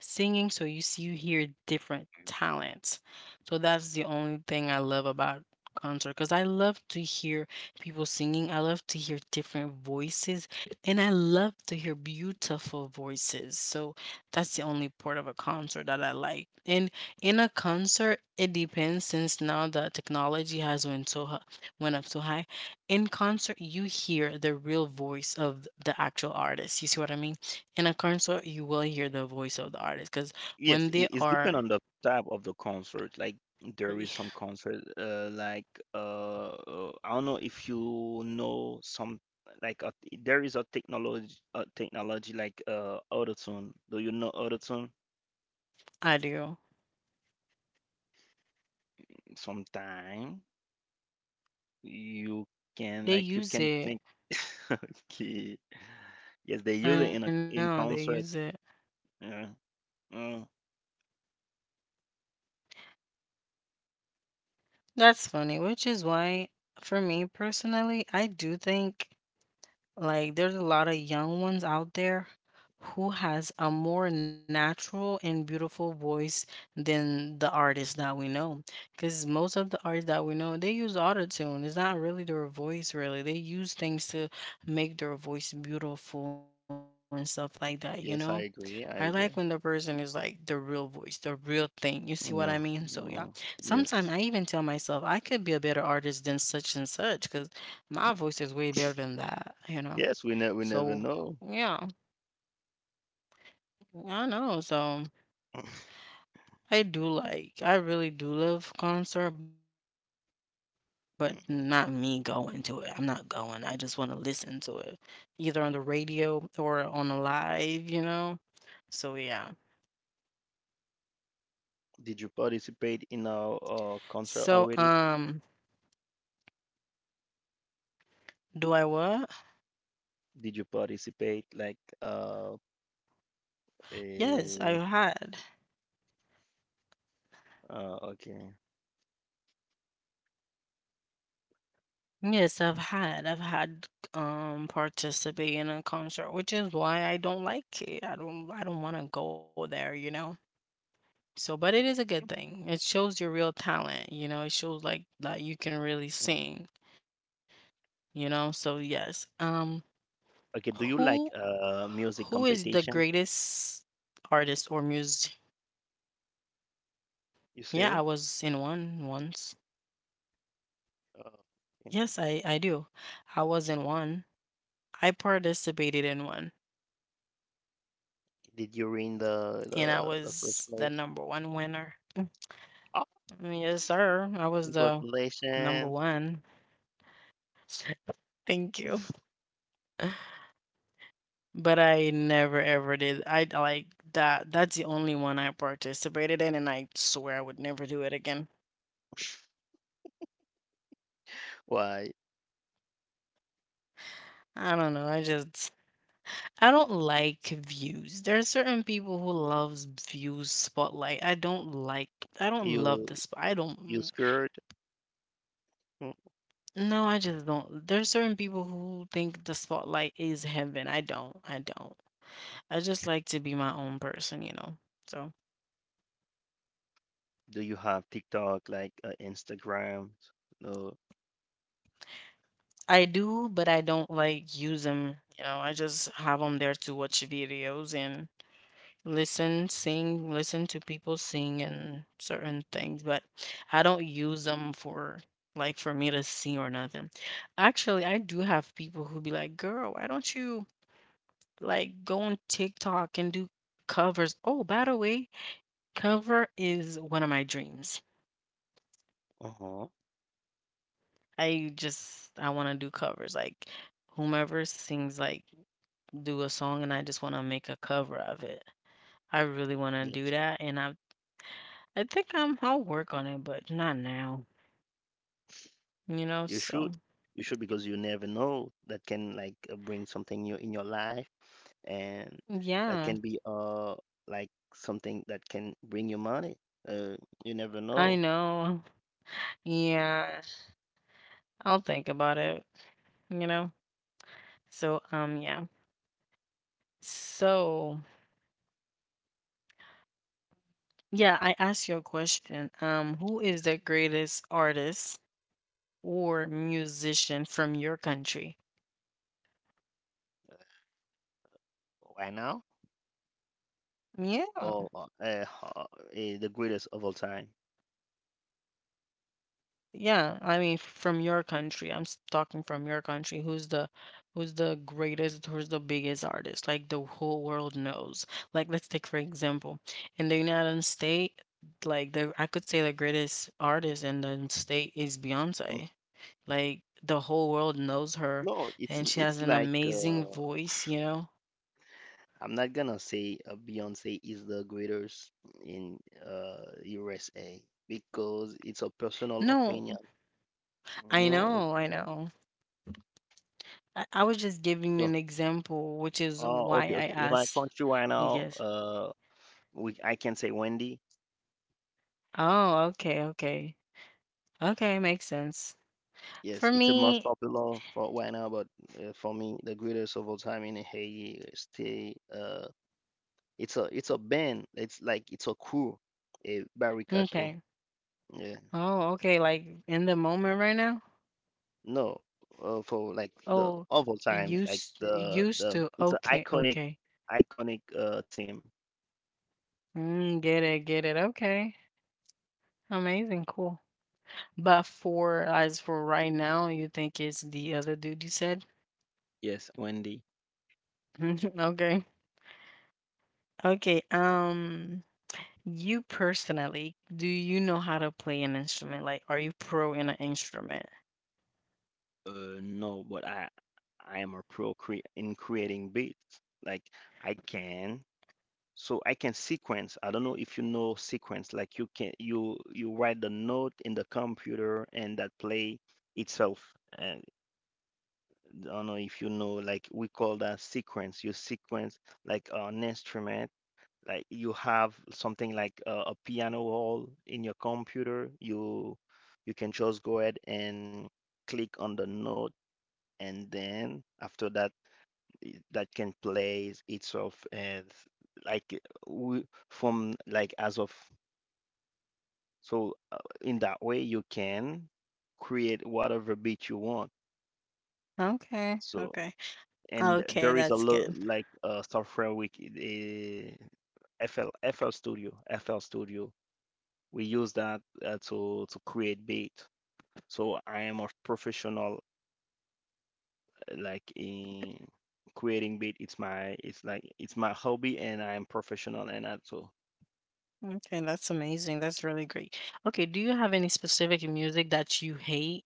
Speaker 1: singing, so you hear different talents. So that's the only thing I love about concert because I love to hear people singing. I love to hear different voices and I love to hear beautiful voices. So that's the only part of a concert that I like. And in a concert, it depends since now the technology has went so went up so high. In concert, you hear the real voice of the actual artist. You see what I mean? In a concert, you will hear the voice of the artist because
Speaker 2: Yes,
Speaker 1: when they
Speaker 2: it's depend
Speaker 1: are,
Speaker 2: on the type of the concert. Like there is some concert, I don't know if you know some like a, there is a technology like autotune. Do you know autotune?
Speaker 1: audio,
Speaker 2: Sometime you can
Speaker 1: they
Speaker 2: like you
Speaker 1: use
Speaker 2: can think.
Speaker 1: it.
Speaker 2: Okay. Yes, they
Speaker 1: I
Speaker 2: use it
Speaker 1: know
Speaker 2: in a
Speaker 1: they
Speaker 2: in
Speaker 1: use it.
Speaker 2: concert. Yeah. Mm.
Speaker 1: That's funny, which is why, for me personally, I do think like there's a lot of young ones out there who has a more natural and beautiful voice than the artists that we know. Because most of the artists that we know, they use autotune. It's not really their voice, really. They use things to make their voice beautiful and stuff like that, you
Speaker 2: Yes, I
Speaker 1: know?
Speaker 2: agree. I
Speaker 1: I like
Speaker 2: agree.
Speaker 1: when the person is like the real voice, the real thing. You see what I
Speaker 2: Mm.
Speaker 1: mean? So yeah.
Speaker 2: Mm.
Speaker 1: Sometimes
Speaker 2: Yes.
Speaker 1: I even tell myself I could be a better artist than such and such because my voice is way better than that, you know.
Speaker 2: Yes, we
Speaker 1: So,
Speaker 2: never know.
Speaker 1: yeah, I know. So, I do like, I really do love concert, but not me going to it. I'm
Speaker 2: Mm.
Speaker 1: not going. I just want to listen to it, either on the radio or on a live, you know? So, yeah.
Speaker 2: Did you participate in concert
Speaker 1: So,
Speaker 2: already?
Speaker 1: do I what?
Speaker 2: Did you participate like
Speaker 1: Yes, I
Speaker 2: a
Speaker 1: had.
Speaker 2: okay.
Speaker 1: Yes, I've had. I've had participate in a concert, which is why I don't like it. I don't want to go there, you know? So, but it is a good thing. It shows your real talent, you know. It shows like that you can really
Speaker 2: Mm.
Speaker 1: sing, you know. So yes,
Speaker 2: Okay, do
Speaker 1: who
Speaker 2: you like
Speaker 1: who
Speaker 2: music
Speaker 1: is the
Speaker 2: competition,
Speaker 1: greatest artist or music?
Speaker 2: you
Speaker 1: Yeah, I
Speaker 2: say?
Speaker 1: was in one once.
Speaker 2: Uh, okay.
Speaker 1: Yes, I do. I was in one. I participated in one,
Speaker 2: Did you win
Speaker 1: and I
Speaker 2: the
Speaker 1: was
Speaker 2: first
Speaker 1: the
Speaker 2: place?
Speaker 1: number one winner.
Speaker 2: Oh,
Speaker 1: Yes, sir. I was the number
Speaker 2: congratulations.
Speaker 1: one. Thank you. But I never ever did. I like that. That's the only one I participated in, and I swear I would never do it again.
Speaker 2: Why
Speaker 1: I don't know. I don't like views. There are certain people who loves views spotlight. I don't like. I don't love
Speaker 2: you
Speaker 1: the spot. I don't.
Speaker 2: you scared? Mm.
Speaker 1: No, I just don't. There are certain people who think the spotlight is heaven. I don't. I don't. I just like to be my own person, you know. So.
Speaker 2: Do you have TikTok like Instagram? No.
Speaker 1: I do, but I don't like use them. You know, I just have them there to watch videos and listen, sing, listen to people sing and certain things, but I don't use them for like for me to sing or nothing. Actually, I do have people who be like, "Girl, why don't you like go on TikTok and do covers?" Oh, by the way, cover is one of my dreams.
Speaker 2: Uh-huh.
Speaker 1: I want to do covers like whomever sings like do a song and I just wanna make a cover of it. I really wanna
Speaker 2: Yeah.
Speaker 1: do that, and I think I'm I'll work on it, but not now, you know,
Speaker 2: You should.
Speaker 1: so
Speaker 2: You should
Speaker 1: yeah.
Speaker 2: because you never know that can like bring something new in your life and that
Speaker 1: Yeah,
Speaker 2: can be like something that can bring you money. Uh, you never
Speaker 1: I
Speaker 2: know.
Speaker 1: know. Yeah, I'll think about it, you know? So, yeah. So, yeah, I asked you a question, who is
Speaker 2: Yes.
Speaker 1: the greatest artist or musician from your country?
Speaker 2: Right now
Speaker 1: Yeah.
Speaker 2: or the greatest of all time.
Speaker 1: Yeah, I mean, from your country, talking from your country. Who's the greatest, who's the biggest artist? Like the whole world knows. Like let's take for example, in the United States, like the I could say the greatest artist in the state is
Speaker 2: Mm.
Speaker 1: Beyonce. Like the whole world knows her,
Speaker 2: No, it's
Speaker 1: and she has an
Speaker 2: like
Speaker 1: amazing voice, you know?
Speaker 2: I'm not gonna say Beyonce is the greatest in USA because it's a personal
Speaker 1: No,
Speaker 2: opinion. No,
Speaker 1: I know. I was just giving
Speaker 2: so
Speaker 1: an example, which is
Speaker 2: oh,
Speaker 1: why
Speaker 2: okay,
Speaker 1: I
Speaker 2: okay. In my
Speaker 1: asked.
Speaker 2: country right now,
Speaker 1: Yes.
Speaker 2: we I can say Wendy.
Speaker 1: Oh, okay, okay. Okay, makes sense.
Speaker 2: Yes,
Speaker 1: For
Speaker 2: it's the most
Speaker 1: me,
Speaker 2: popular for right now, but for me, the greatest of all time in Haiti stay. It's a band. It's like it's a crew, a barricade crew.
Speaker 1: okay.
Speaker 2: Yeah.
Speaker 1: Oh, okay, like in the moment right now?
Speaker 2: No, for like the
Speaker 1: Oh,
Speaker 2: of all time, like the
Speaker 1: used
Speaker 2: the
Speaker 1: to.
Speaker 2: it's an
Speaker 1: Okay,
Speaker 2: iconic
Speaker 1: okay.
Speaker 2: iconic team.
Speaker 1: Mm, get it, get it. Okay. Amazing, cool. But for as for right now, you think it's the other dude you said?
Speaker 2: Yes, Wendy.
Speaker 1: Okay. Okay. You personally, do you know how to play an instrument? Like, are you pro in an instrument?
Speaker 2: No, but I am a pro cre in creating beats. Like I can, so I can sequence. I don't know if you know sequence. Like you can you write the note in the computer and that play itself. And I don't know if you know. Like we call that sequence. You sequence like an instrument. Like you have something like a piano roll in your computer. You can just go ahead and click on the note and then after that that can play itself and like w- from like as of so in that way you can create whatever beat you want,
Speaker 1: Okay,
Speaker 2: so
Speaker 1: okay.
Speaker 2: and
Speaker 1: Okay,
Speaker 2: there is a
Speaker 1: that's
Speaker 2: lot
Speaker 1: good.
Speaker 2: like software we FL FL Studio FL Studio we use that to create beat, so I am a professional like in creating beat, it's my, it's like it's my hobby and I am professional and that so
Speaker 1: Okay, that's amazing. That's really great. Okay, do you have any specific music that you hate?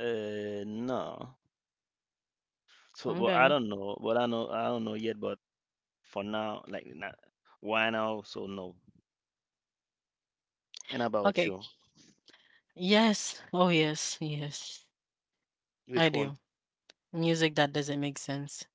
Speaker 2: no, so well, I
Speaker 1: Okay.
Speaker 2: don't know but I know I don't know yet, but for now, like, not, why now, so no. And about
Speaker 1: Okay.
Speaker 2: you,
Speaker 1: Yes. Oh, yes. Yes.
Speaker 2: which
Speaker 1: I
Speaker 2: one?
Speaker 1: do. Music that doesn't make sense.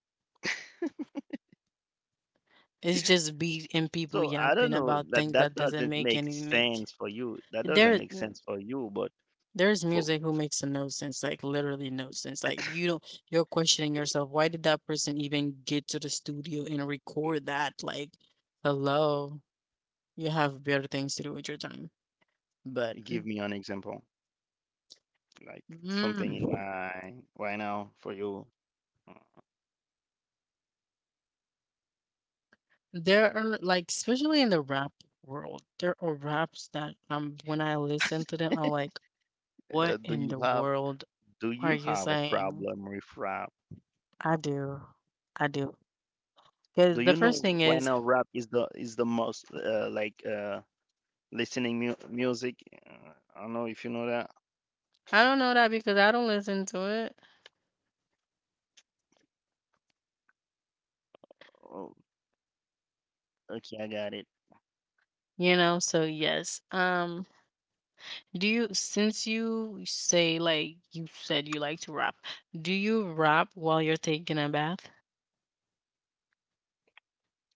Speaker 1: It's just beat and people
Speaker 2: So I don't
Speaker 1: yapping
Speaker 2: know
Speaker 1: about
Speaker 2: that
Speaker 1: things
Speaker 2: that
Speaker 1: that doesn't
Speaker 2: doesn't
Speaker 1: make
Speaker 2: make
Speaker 1: any make.
Speaker 2: sense for you, that doesn't
Speaker 1: There,
Speaker 2: make sense for you, but
Speaker 1: there's
Speaker 2: for
Speaker 1: music who makes no sense, like literally no sense. Like you don't, you're questioning yourself. Why did that person even get to the studio and record that? Like, hello, you have better things to do with your time. But
Speaker 2: give me an example like something
Speaker 1: mm.
Speaker 2: in my right now for you.
Speaker 1: There are like, especially in the rap world, there are raps that when I listen to them, I'm like, what
Speaker 2: Uh, do
Speaker 1: in
Speaker 2: you
Speaker 1: the
Speaker 2: have
Speaker 1: world
Speaker 2: Do
Speaker 1: are
Speaker 2: you
Speaker 1: you
Speaker 2: have a
Speaker 1: saying?
Speaker 2: problem with rap?
Speaker 1: I do. I do.
Speaker 2: Do
Speaker 1: Because the
Speaker 2: you
Speaker 1: first
Speaker 2: know
Speaker 1: thing
Speaker 2: right
Speaker 1: is,
Speaker 2: now rap is the most like listening mu music? I don't know if you know that.
Speaker 1: I don't know that because I don't listen to it.
Speaker 2: Oh, okay, I got it.
Speaker 1: You know, so yes. Do you since you say like you said you like to rap, do you rap while you're taking a bath?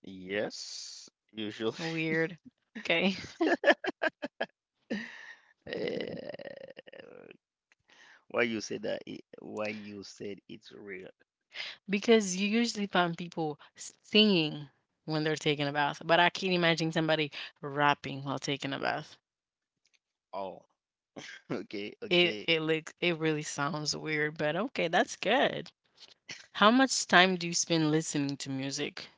Speaker 2: Yes, usually.
Speaker 1: Weird. Okay.
Speaker 2: Eh, Why you say that? Why you said it's real?
Speaker 1: Because you usually find people singing when they're taking a bath, but I can't imagine somebody rapping while taking a bath.
Speaker 2: Oh, okay,
Speaker 1: It
Speaker 2: okay.
Speaker 1: it looks it really sounds weird, but okay, that's good. How much time do you spend listening to music?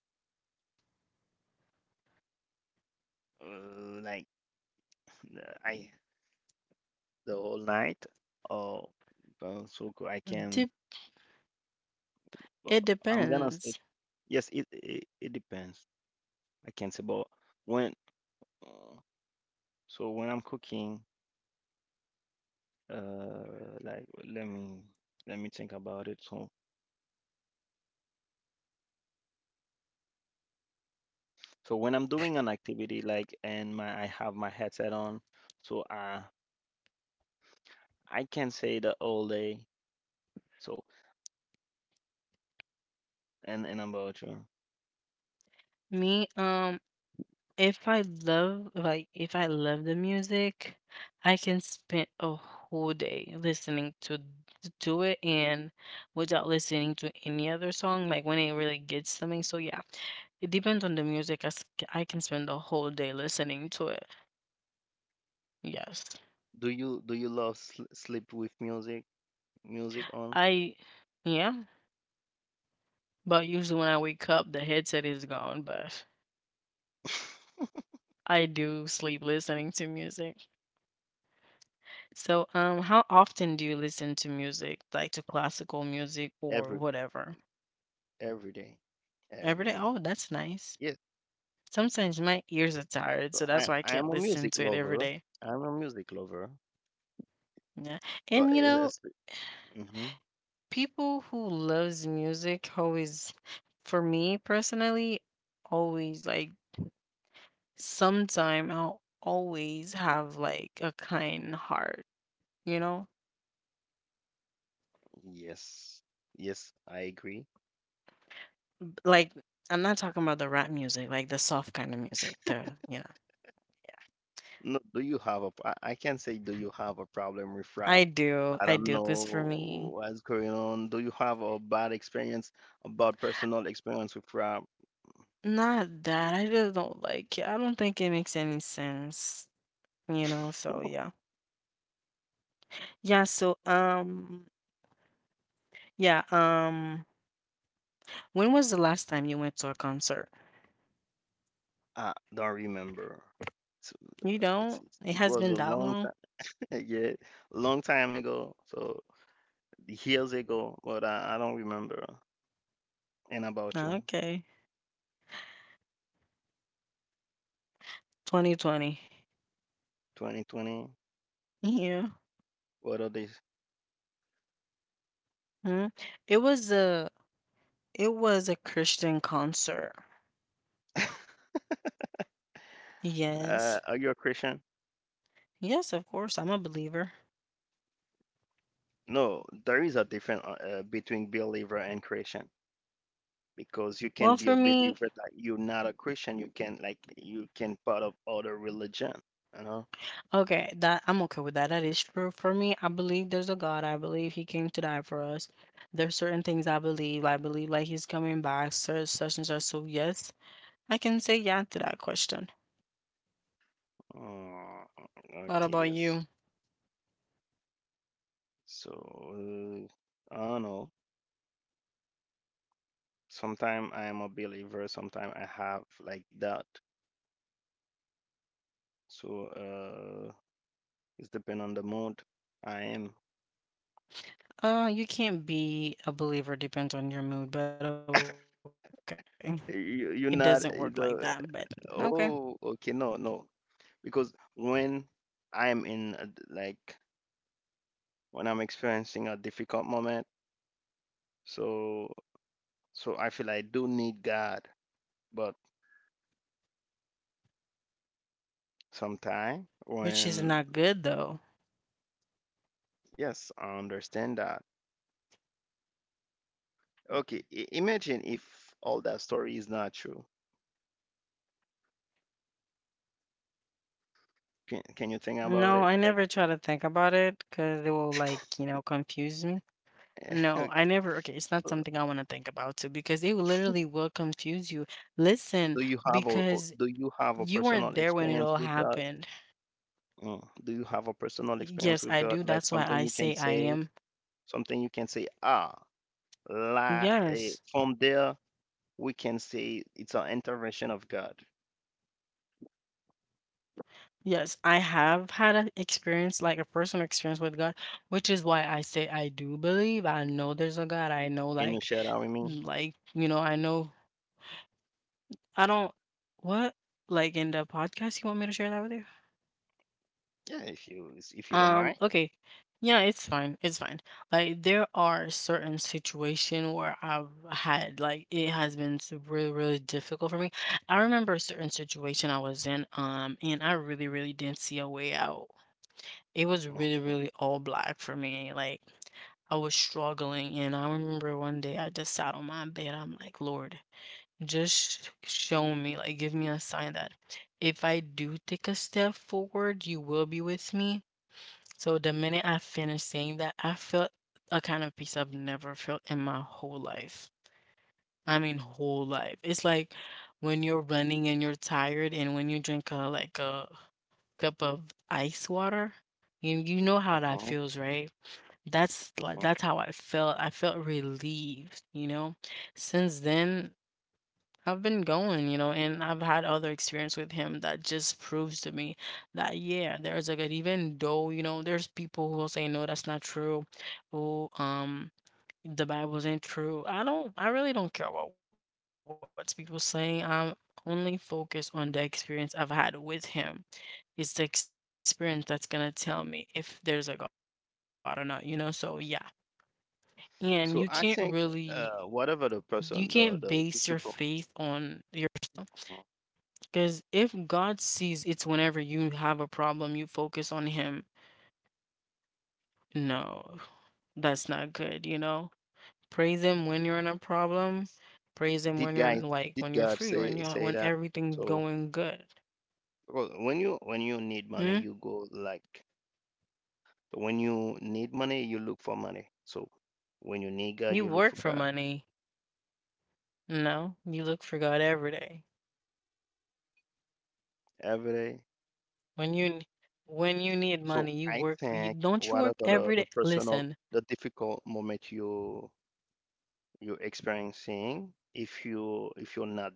Speaker 2: Like I the whole night. Oh, I can.
Speaker 1: Dep
Speaker 2: uh,
Speaker 1: It
Speaker 2: I'm gonna say
Speaker 1: depends.
Speaker 2: yes. It depends. I can say, but when Mm. So when I'm cooking, like let me let me think about it. So when I'm doing an activity like and my I have my headset on, so I can say the all day. So and about you,
Speaker 1: Me, if I love like, if I love the music, I can spend a whole day listening to it and without listening to any other song, like, when it really gets something. So, yeah. It depends on the music, I can spend the whole day listening to it. Yes.
Speaker 2: do you love sl sleep with music on.
Speaker 1: I Yeah, but usually when I wake up, the headset is gone, but I do sleep listening to music. So, how often do you listen to music, like to classical music or
Speaker 2: every
Speaker 1: whatever?
Speaker 2: every day. Every
Speaker 1: Every day?
Speaker 2: day?
Speaker 1: Oh, that's nice.
Speaker 2: Yes.
Speaker 1: Sometimes my ears are tired,
Speaker 2: So
Speaker 1: so
Speaker 2: I
Speaker 1: that's why I
Speaker 2: I
Speaker 1: can't
Speaker 2: am a
Speaker 1: listen
Speaker 2: music
Speaker 1: to it every
Speaker 2: lover.
Speaker 1: day.
Speaker 2: I'm a music lover.
Speaker 1: Yeah.
Speaker 2: But
Speaker 1: And you know,
Speaker 2: it's, hmm.
Speaker 1: people who loves music always, for me personally, always like sometime I'll always have like a kind heart, you know?
Speaker 2: Yes. Yes, I agree.
Speaker 1: Like I'm not talking about the rap music, like the soft kind of music, the you know
Speaker 2: No, do you have a? I can't say, do you have a problem with rap? I
Speaker 1: I
Speaker 2: don't
Speaker 1: do, cause for
Speaker 2: know
Speaker 1: me
Speaker 2: what's going on. Do you have a bad experience, a bad personal experience with rap?
Speaker 1: not that, I just don't like it, I don't think it makes any sense, you know, so, yeah. Yeah, so, yeah, when was the last time you went to a concert?
Speaker 2: I don't remember. It's,
Speaker 1: You don't?
Speaker 2: it's
Speaker 1: It
Speaker 2: it
Speaker 1: has
Speaker 2: was
Speaker 1: been
Speaker 2: a
Speaker 1: that
Speaker 2: long
Speaker 1: long?
Speaker 2: time, yeah, long time ago. So years ago, but I don't remember. And about
Speaker 1: Oh,
Speaker 2: you,
Speaker 1: okay. 2020.
Speaker 2: 2020.
Speaker 1: Yeah.
Speaker 2: What are these?
Speaker 1: Mhm. It was a it was a Christian concert. Yes.
Speaker 2: Are you a Christian?
Speaker 1: Yes, of course, I'm a believer.
Speaker 2: No, there is a difference between believer and Christian, because you can
Speaker 1: Well,
Speaker 2: be
Speaker 1: for
Speaker 2: a
Speaker 1: me
Speaker 2: believer that you're not a Christian. You can like you can part of other religion. You know.
Speaker 1: okay, that I'm okay with that. That is true for me. I believe there's a God. I believe He came to die for us. There's certain things I believe. I believe like He's coming back. Such such and such. So yes, I can say yeah to that question. What
Speaker 2: Okay.
Speaker 1: about
Speaker 2: Yes.
Speaker 1: you?
Speaker 2: So I don't know. Sometimes I am a believer. Sometimes I have like that. So uh, it's depend on the mood I am.
Speaker 1: You can't be a believer. Depends on your mood, but okay, it doesn't work like
Speaker 2: You,
Speaker 1: that.
Speaker 2: you're
Speaker 1: But
Speaker 2: not
Speaker 1: okay,
Speaker 2: the Oh okay, no no, because when I am in a d like when I'm experiencing a difficult moment. So So I feel I do need God, but
Speaker 1: which is not good
Speaker 2: sometime
Speaker 1: though.
Speaker 2: when yes, I understand that. Okay, imagine if all that story is not true. Can you think about
Speaker 1: No,
Speaker 2: it?
Speaker 1: I
Speaker 2: Like,
Speaker 1: never try to think about it because it will like you know confuse me. No, I never. Okay, it's not something I want to think about too because it will literally will confuse you.
Speaker 2: do
Speaker 1: Listen,
Speaker 2: you have
Speaker 1: because
Speaker 2: do you have a
Speaker 1: you
Speaker 2: personal
Speaker 1: weren't there when it
Speaker 2: experience
Speaker 1: all
Speaker 2: with God?
Speaker 1: happened.
Speaker 2: Mm, do you have a personal experience
Speaker 1: Yes,
Speaker 2: with
Speaker 1: I
Speaker 2: God?
Speaker 1: do.
Speaker 2: Like
Speaker 1: That's why
Speaker 2: something
Speaker 1: I
Speaker 2: you can
Speaker 1: say I
Speaker 2: say,
Speaker 1: am.
Speaker 2: something you can say. Ah, la, eh,
Speaker 1: Yes.
Speaker 2: from there we can say it's an intervention of God.
Speaker 1: Yes, I have had an experience, like a personal experience with God, which is why I say I do believe. I know there's a God. I know,
Speaker 2: Can you share that with me?
Speaker 1: like, you know I don't what like in the podcast you want me to share that with you?
Speaker 2: Yeah, if you don't mind.
Speaker 1: Okay. Yeah, it's fine. It's fine. Like there are certain situation where I've had like it has been really, really difficult for me. I remember a certain situation I was in, and I really, really didn't see a way out. It was
Speaker 2: Mhm,
Speaker 1: really,
Speaker 2: mhm,
Speaker 1: really all black for me. Like I was struggling, and I remember one day I just sat on my bed. I'm like, Lord, just show me, like, give me a sign that if I do take a step forward, you will be with me. So the minute I finished saying that, I felt a kind of peace I've never felt in my whole life. I mean, whole life. It's like when you're running and you're tired, and when you drink a cup of ice water, you know how that
Speaker 2: mhm.
Speaker 1: feels, right? That's how I felt. I felt relieved. Since then, I've been going, and I've had other experience with him that just proves to me that yeah, there's a good even though, there's people who will say no, that's not true. Oh, the Bible's ain't true. I really don't care about what people saying. I'm only focused on the experience I've had with him. It's the experience that's gonna tell me if there's a God or not, you know? So yeah. And you can't really
Speaker 2: So I think
Speaker 1: you can't base
Speaker 2: whatever
Speaker 1: your
Speaker 2: the
Speaker 1: faith
Speaker 2: person,
Speaker 1: on
Speaker 2: the
Speaker 1: your.
Speaker 2: difficult, mhm.
Speaker 1: Because if God sees it's whenever you have a problem, you focus on Him. No, that's not good, you know? Praise Him when you're in a problem. Praise Him
Speaker 2: did
Speaker 1: when you're
Speaker 2: guys,
Speaker 1: in, like
Speaker 2: did
Speaker 1: when you're
Speaker 2: God
Speaker 1: free, when you're
Speaker 2: say
Speaker 1: when
Speaker 2: that?
Speaker 1: everything's
Speaker 2: So
Speaker 1: going good.
Speaker 2: well, when you need money,
Speaker 1: Hmm?
Speaker 2: you go like when you need money, you look for money. So when you need God,
Speaker 1: You
Speaker 2: you look
Speaker 1: work
Speaker 2: for
Speaker 1: for
Speaker 2: God
Speaker 1: money. No, you look for God every day.
Speaker 2: every day.
Speaker 1: When you when you need
Speaker 2: So
Speaker 1: money, you
Speaker 2: I
Speaker 1: work for you.
Speaker 2: think
Speaker 1: Don't you work
Speaker 2: whatever
Speaker 1: every
Speaker 2: the
Speaker 1: day?
Speaker 2: personal,
Speaker 1: Listen.
Speaker 2: the difficult moment you you're experiencing, if you if you're not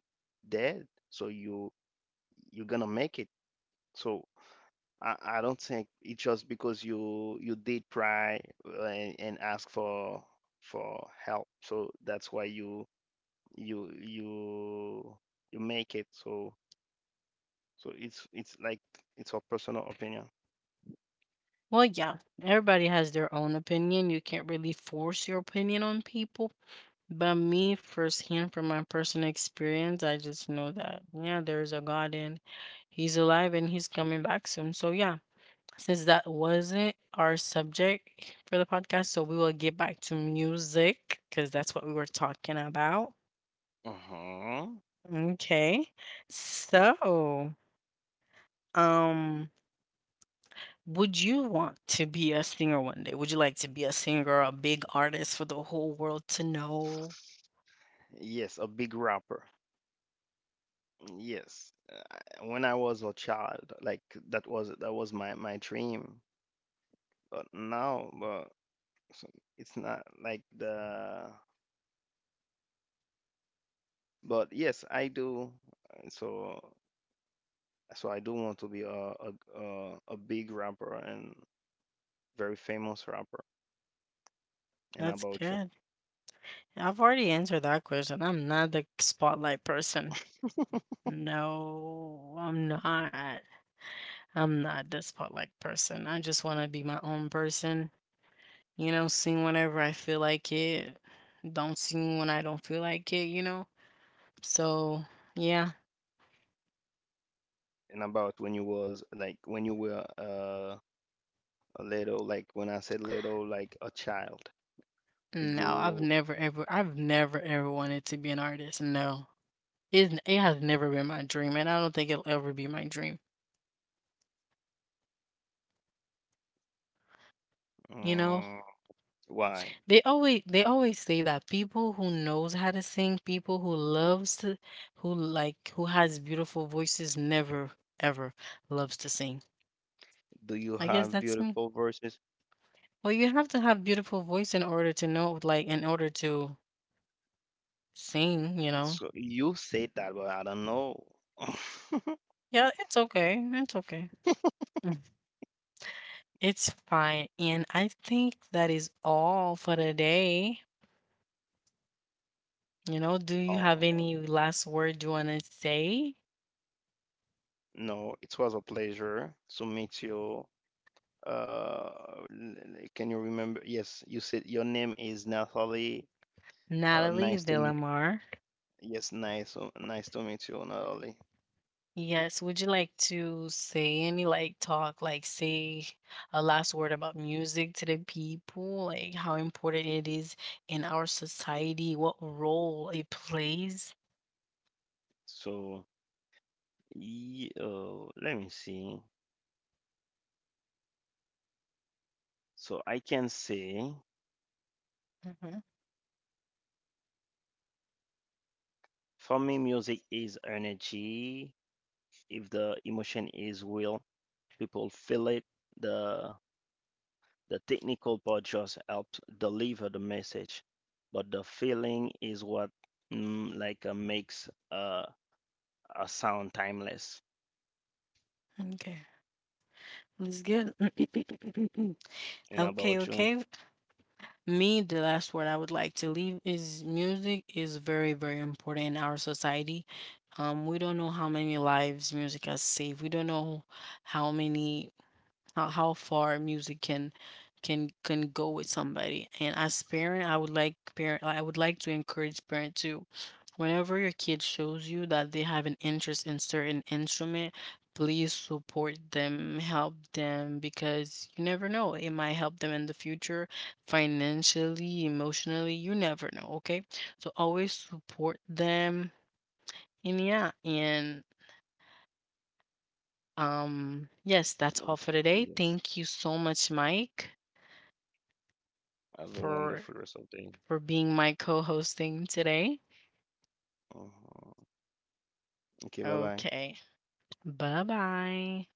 Speaker 2: dead, so you're gonna make it. So I don't think it's just because you did try and ask for help. So that's why you you you make it. So it's like it's a personal opinion.
Speaker 1: Well, yeah, everybody has their own opinion. You can't really force your opinion on people. But me firsthand from my personal experience, I just know that yeah, there is a God and He's alive and He's coming back soon. So yeah, since that wasn't our subject for the podcast, so we will get back to music because that's what we were talking about.
Speaker 2: Uh-huh.
Speaker 1: Okay. So, um, would you want to be a singer one day? Would you like to be a singer, a big artist for the whole world to know?
Speaker 2: Yes, a big rapper. Yes. I- when I was a child, like that was my my dream. But now, but so it's not like the, but yes, I do. Uh, So So I do want to be a big rapper and very famous rapper. And
Speaker 1: That's
Speaker 2: about you,
Speaker 1: good. I've already answered that question. I'm not the spotlight person. No, I'm not. I'm not the spotlight person. I just want to be my own person. Sing whenever I feel like it. Don't sing when I don't feel like it, you know? So, yeah.
Speaker 2: and about when you was like when you were a little, like when I said little, like a child.
Speaker 1: No, I've
Speaker 2: You
Speaker 1: never ever I've never ever wanted to be an artist. No. It has never been my dream and I don't think it'll ever be my dream. You know,
Speaker 2: um, why
Speaker 1: They always say that people who knows how to sing, people who loves to who has beautiful voices never ever loves to sing.
Speaker 2: do you
Speaker 1: I guess
Speaker 2: have
Speaker 1: that's me.
Speaker 2: beautiful verses?
Speaker 1: Well, you have to have beautiful voice in order to sing, you know.
Speaker 2: So you said that, but I don't know.
Speaker 1: Yeah, it's okay. It's okay. Mm. It's fine. And I think that is all for today. Do you have
Speaker 2: Oh,
Speaker 1: any last word you want to say?
Speaker 2: no, it was a pleasure to meet you. Uh, can you remember? Yes, you said your name is Nathalie. Uh,
Speaker 1: Natalie
Speaker 2: nice to m-
Speaker 1: Villamar.
Speaker 2: yes, nice nice to meet you, Natalie.
Speaker 1: Yes. Would you like to say any like talk, like say a last word about music to the people, like how important it is in our society, what role it plays?
Speaker 2: So, let me see. So I can say,
Speaker 1: Hmm.
Speaker 2: for me, music is energy. If the emotion is real, people feel it. The the technical part just helps deliver the message, but the feeling is what like makes a sound timeless.
Speaker 1: Okay, that's good.
Speaker 2: And
Speaker 1: Okay,
Speaker 2: about you?
Speaker 1: okay. Me, the last word I would like to leave is music is very, very important in our society. We don't know how many lives music has saved. We don't know how how far music can go with somebody. And as parent I would like to encourage parent to, whenever your kid shows you that they have an interest in certain instrument, please support them, help them, because you never know, it might help them in the future, financially, emotionally. You never know. Okay, so always support them. And yeah, and yes, that's all for
Speaker 2: Okay,
Speaker 1: today.
Speaker 2: yes.
Speaker 1: Thank you so much, Mike,
Speaker 2: Have a wonderful
Speaker 1: for
Speaker 2: rest of the day.
Speaker 1: for being my co-hosting today.
Speaker 2: Uh-huh. OK, bye bye.
Speaker 1: Okay. Bye-bye.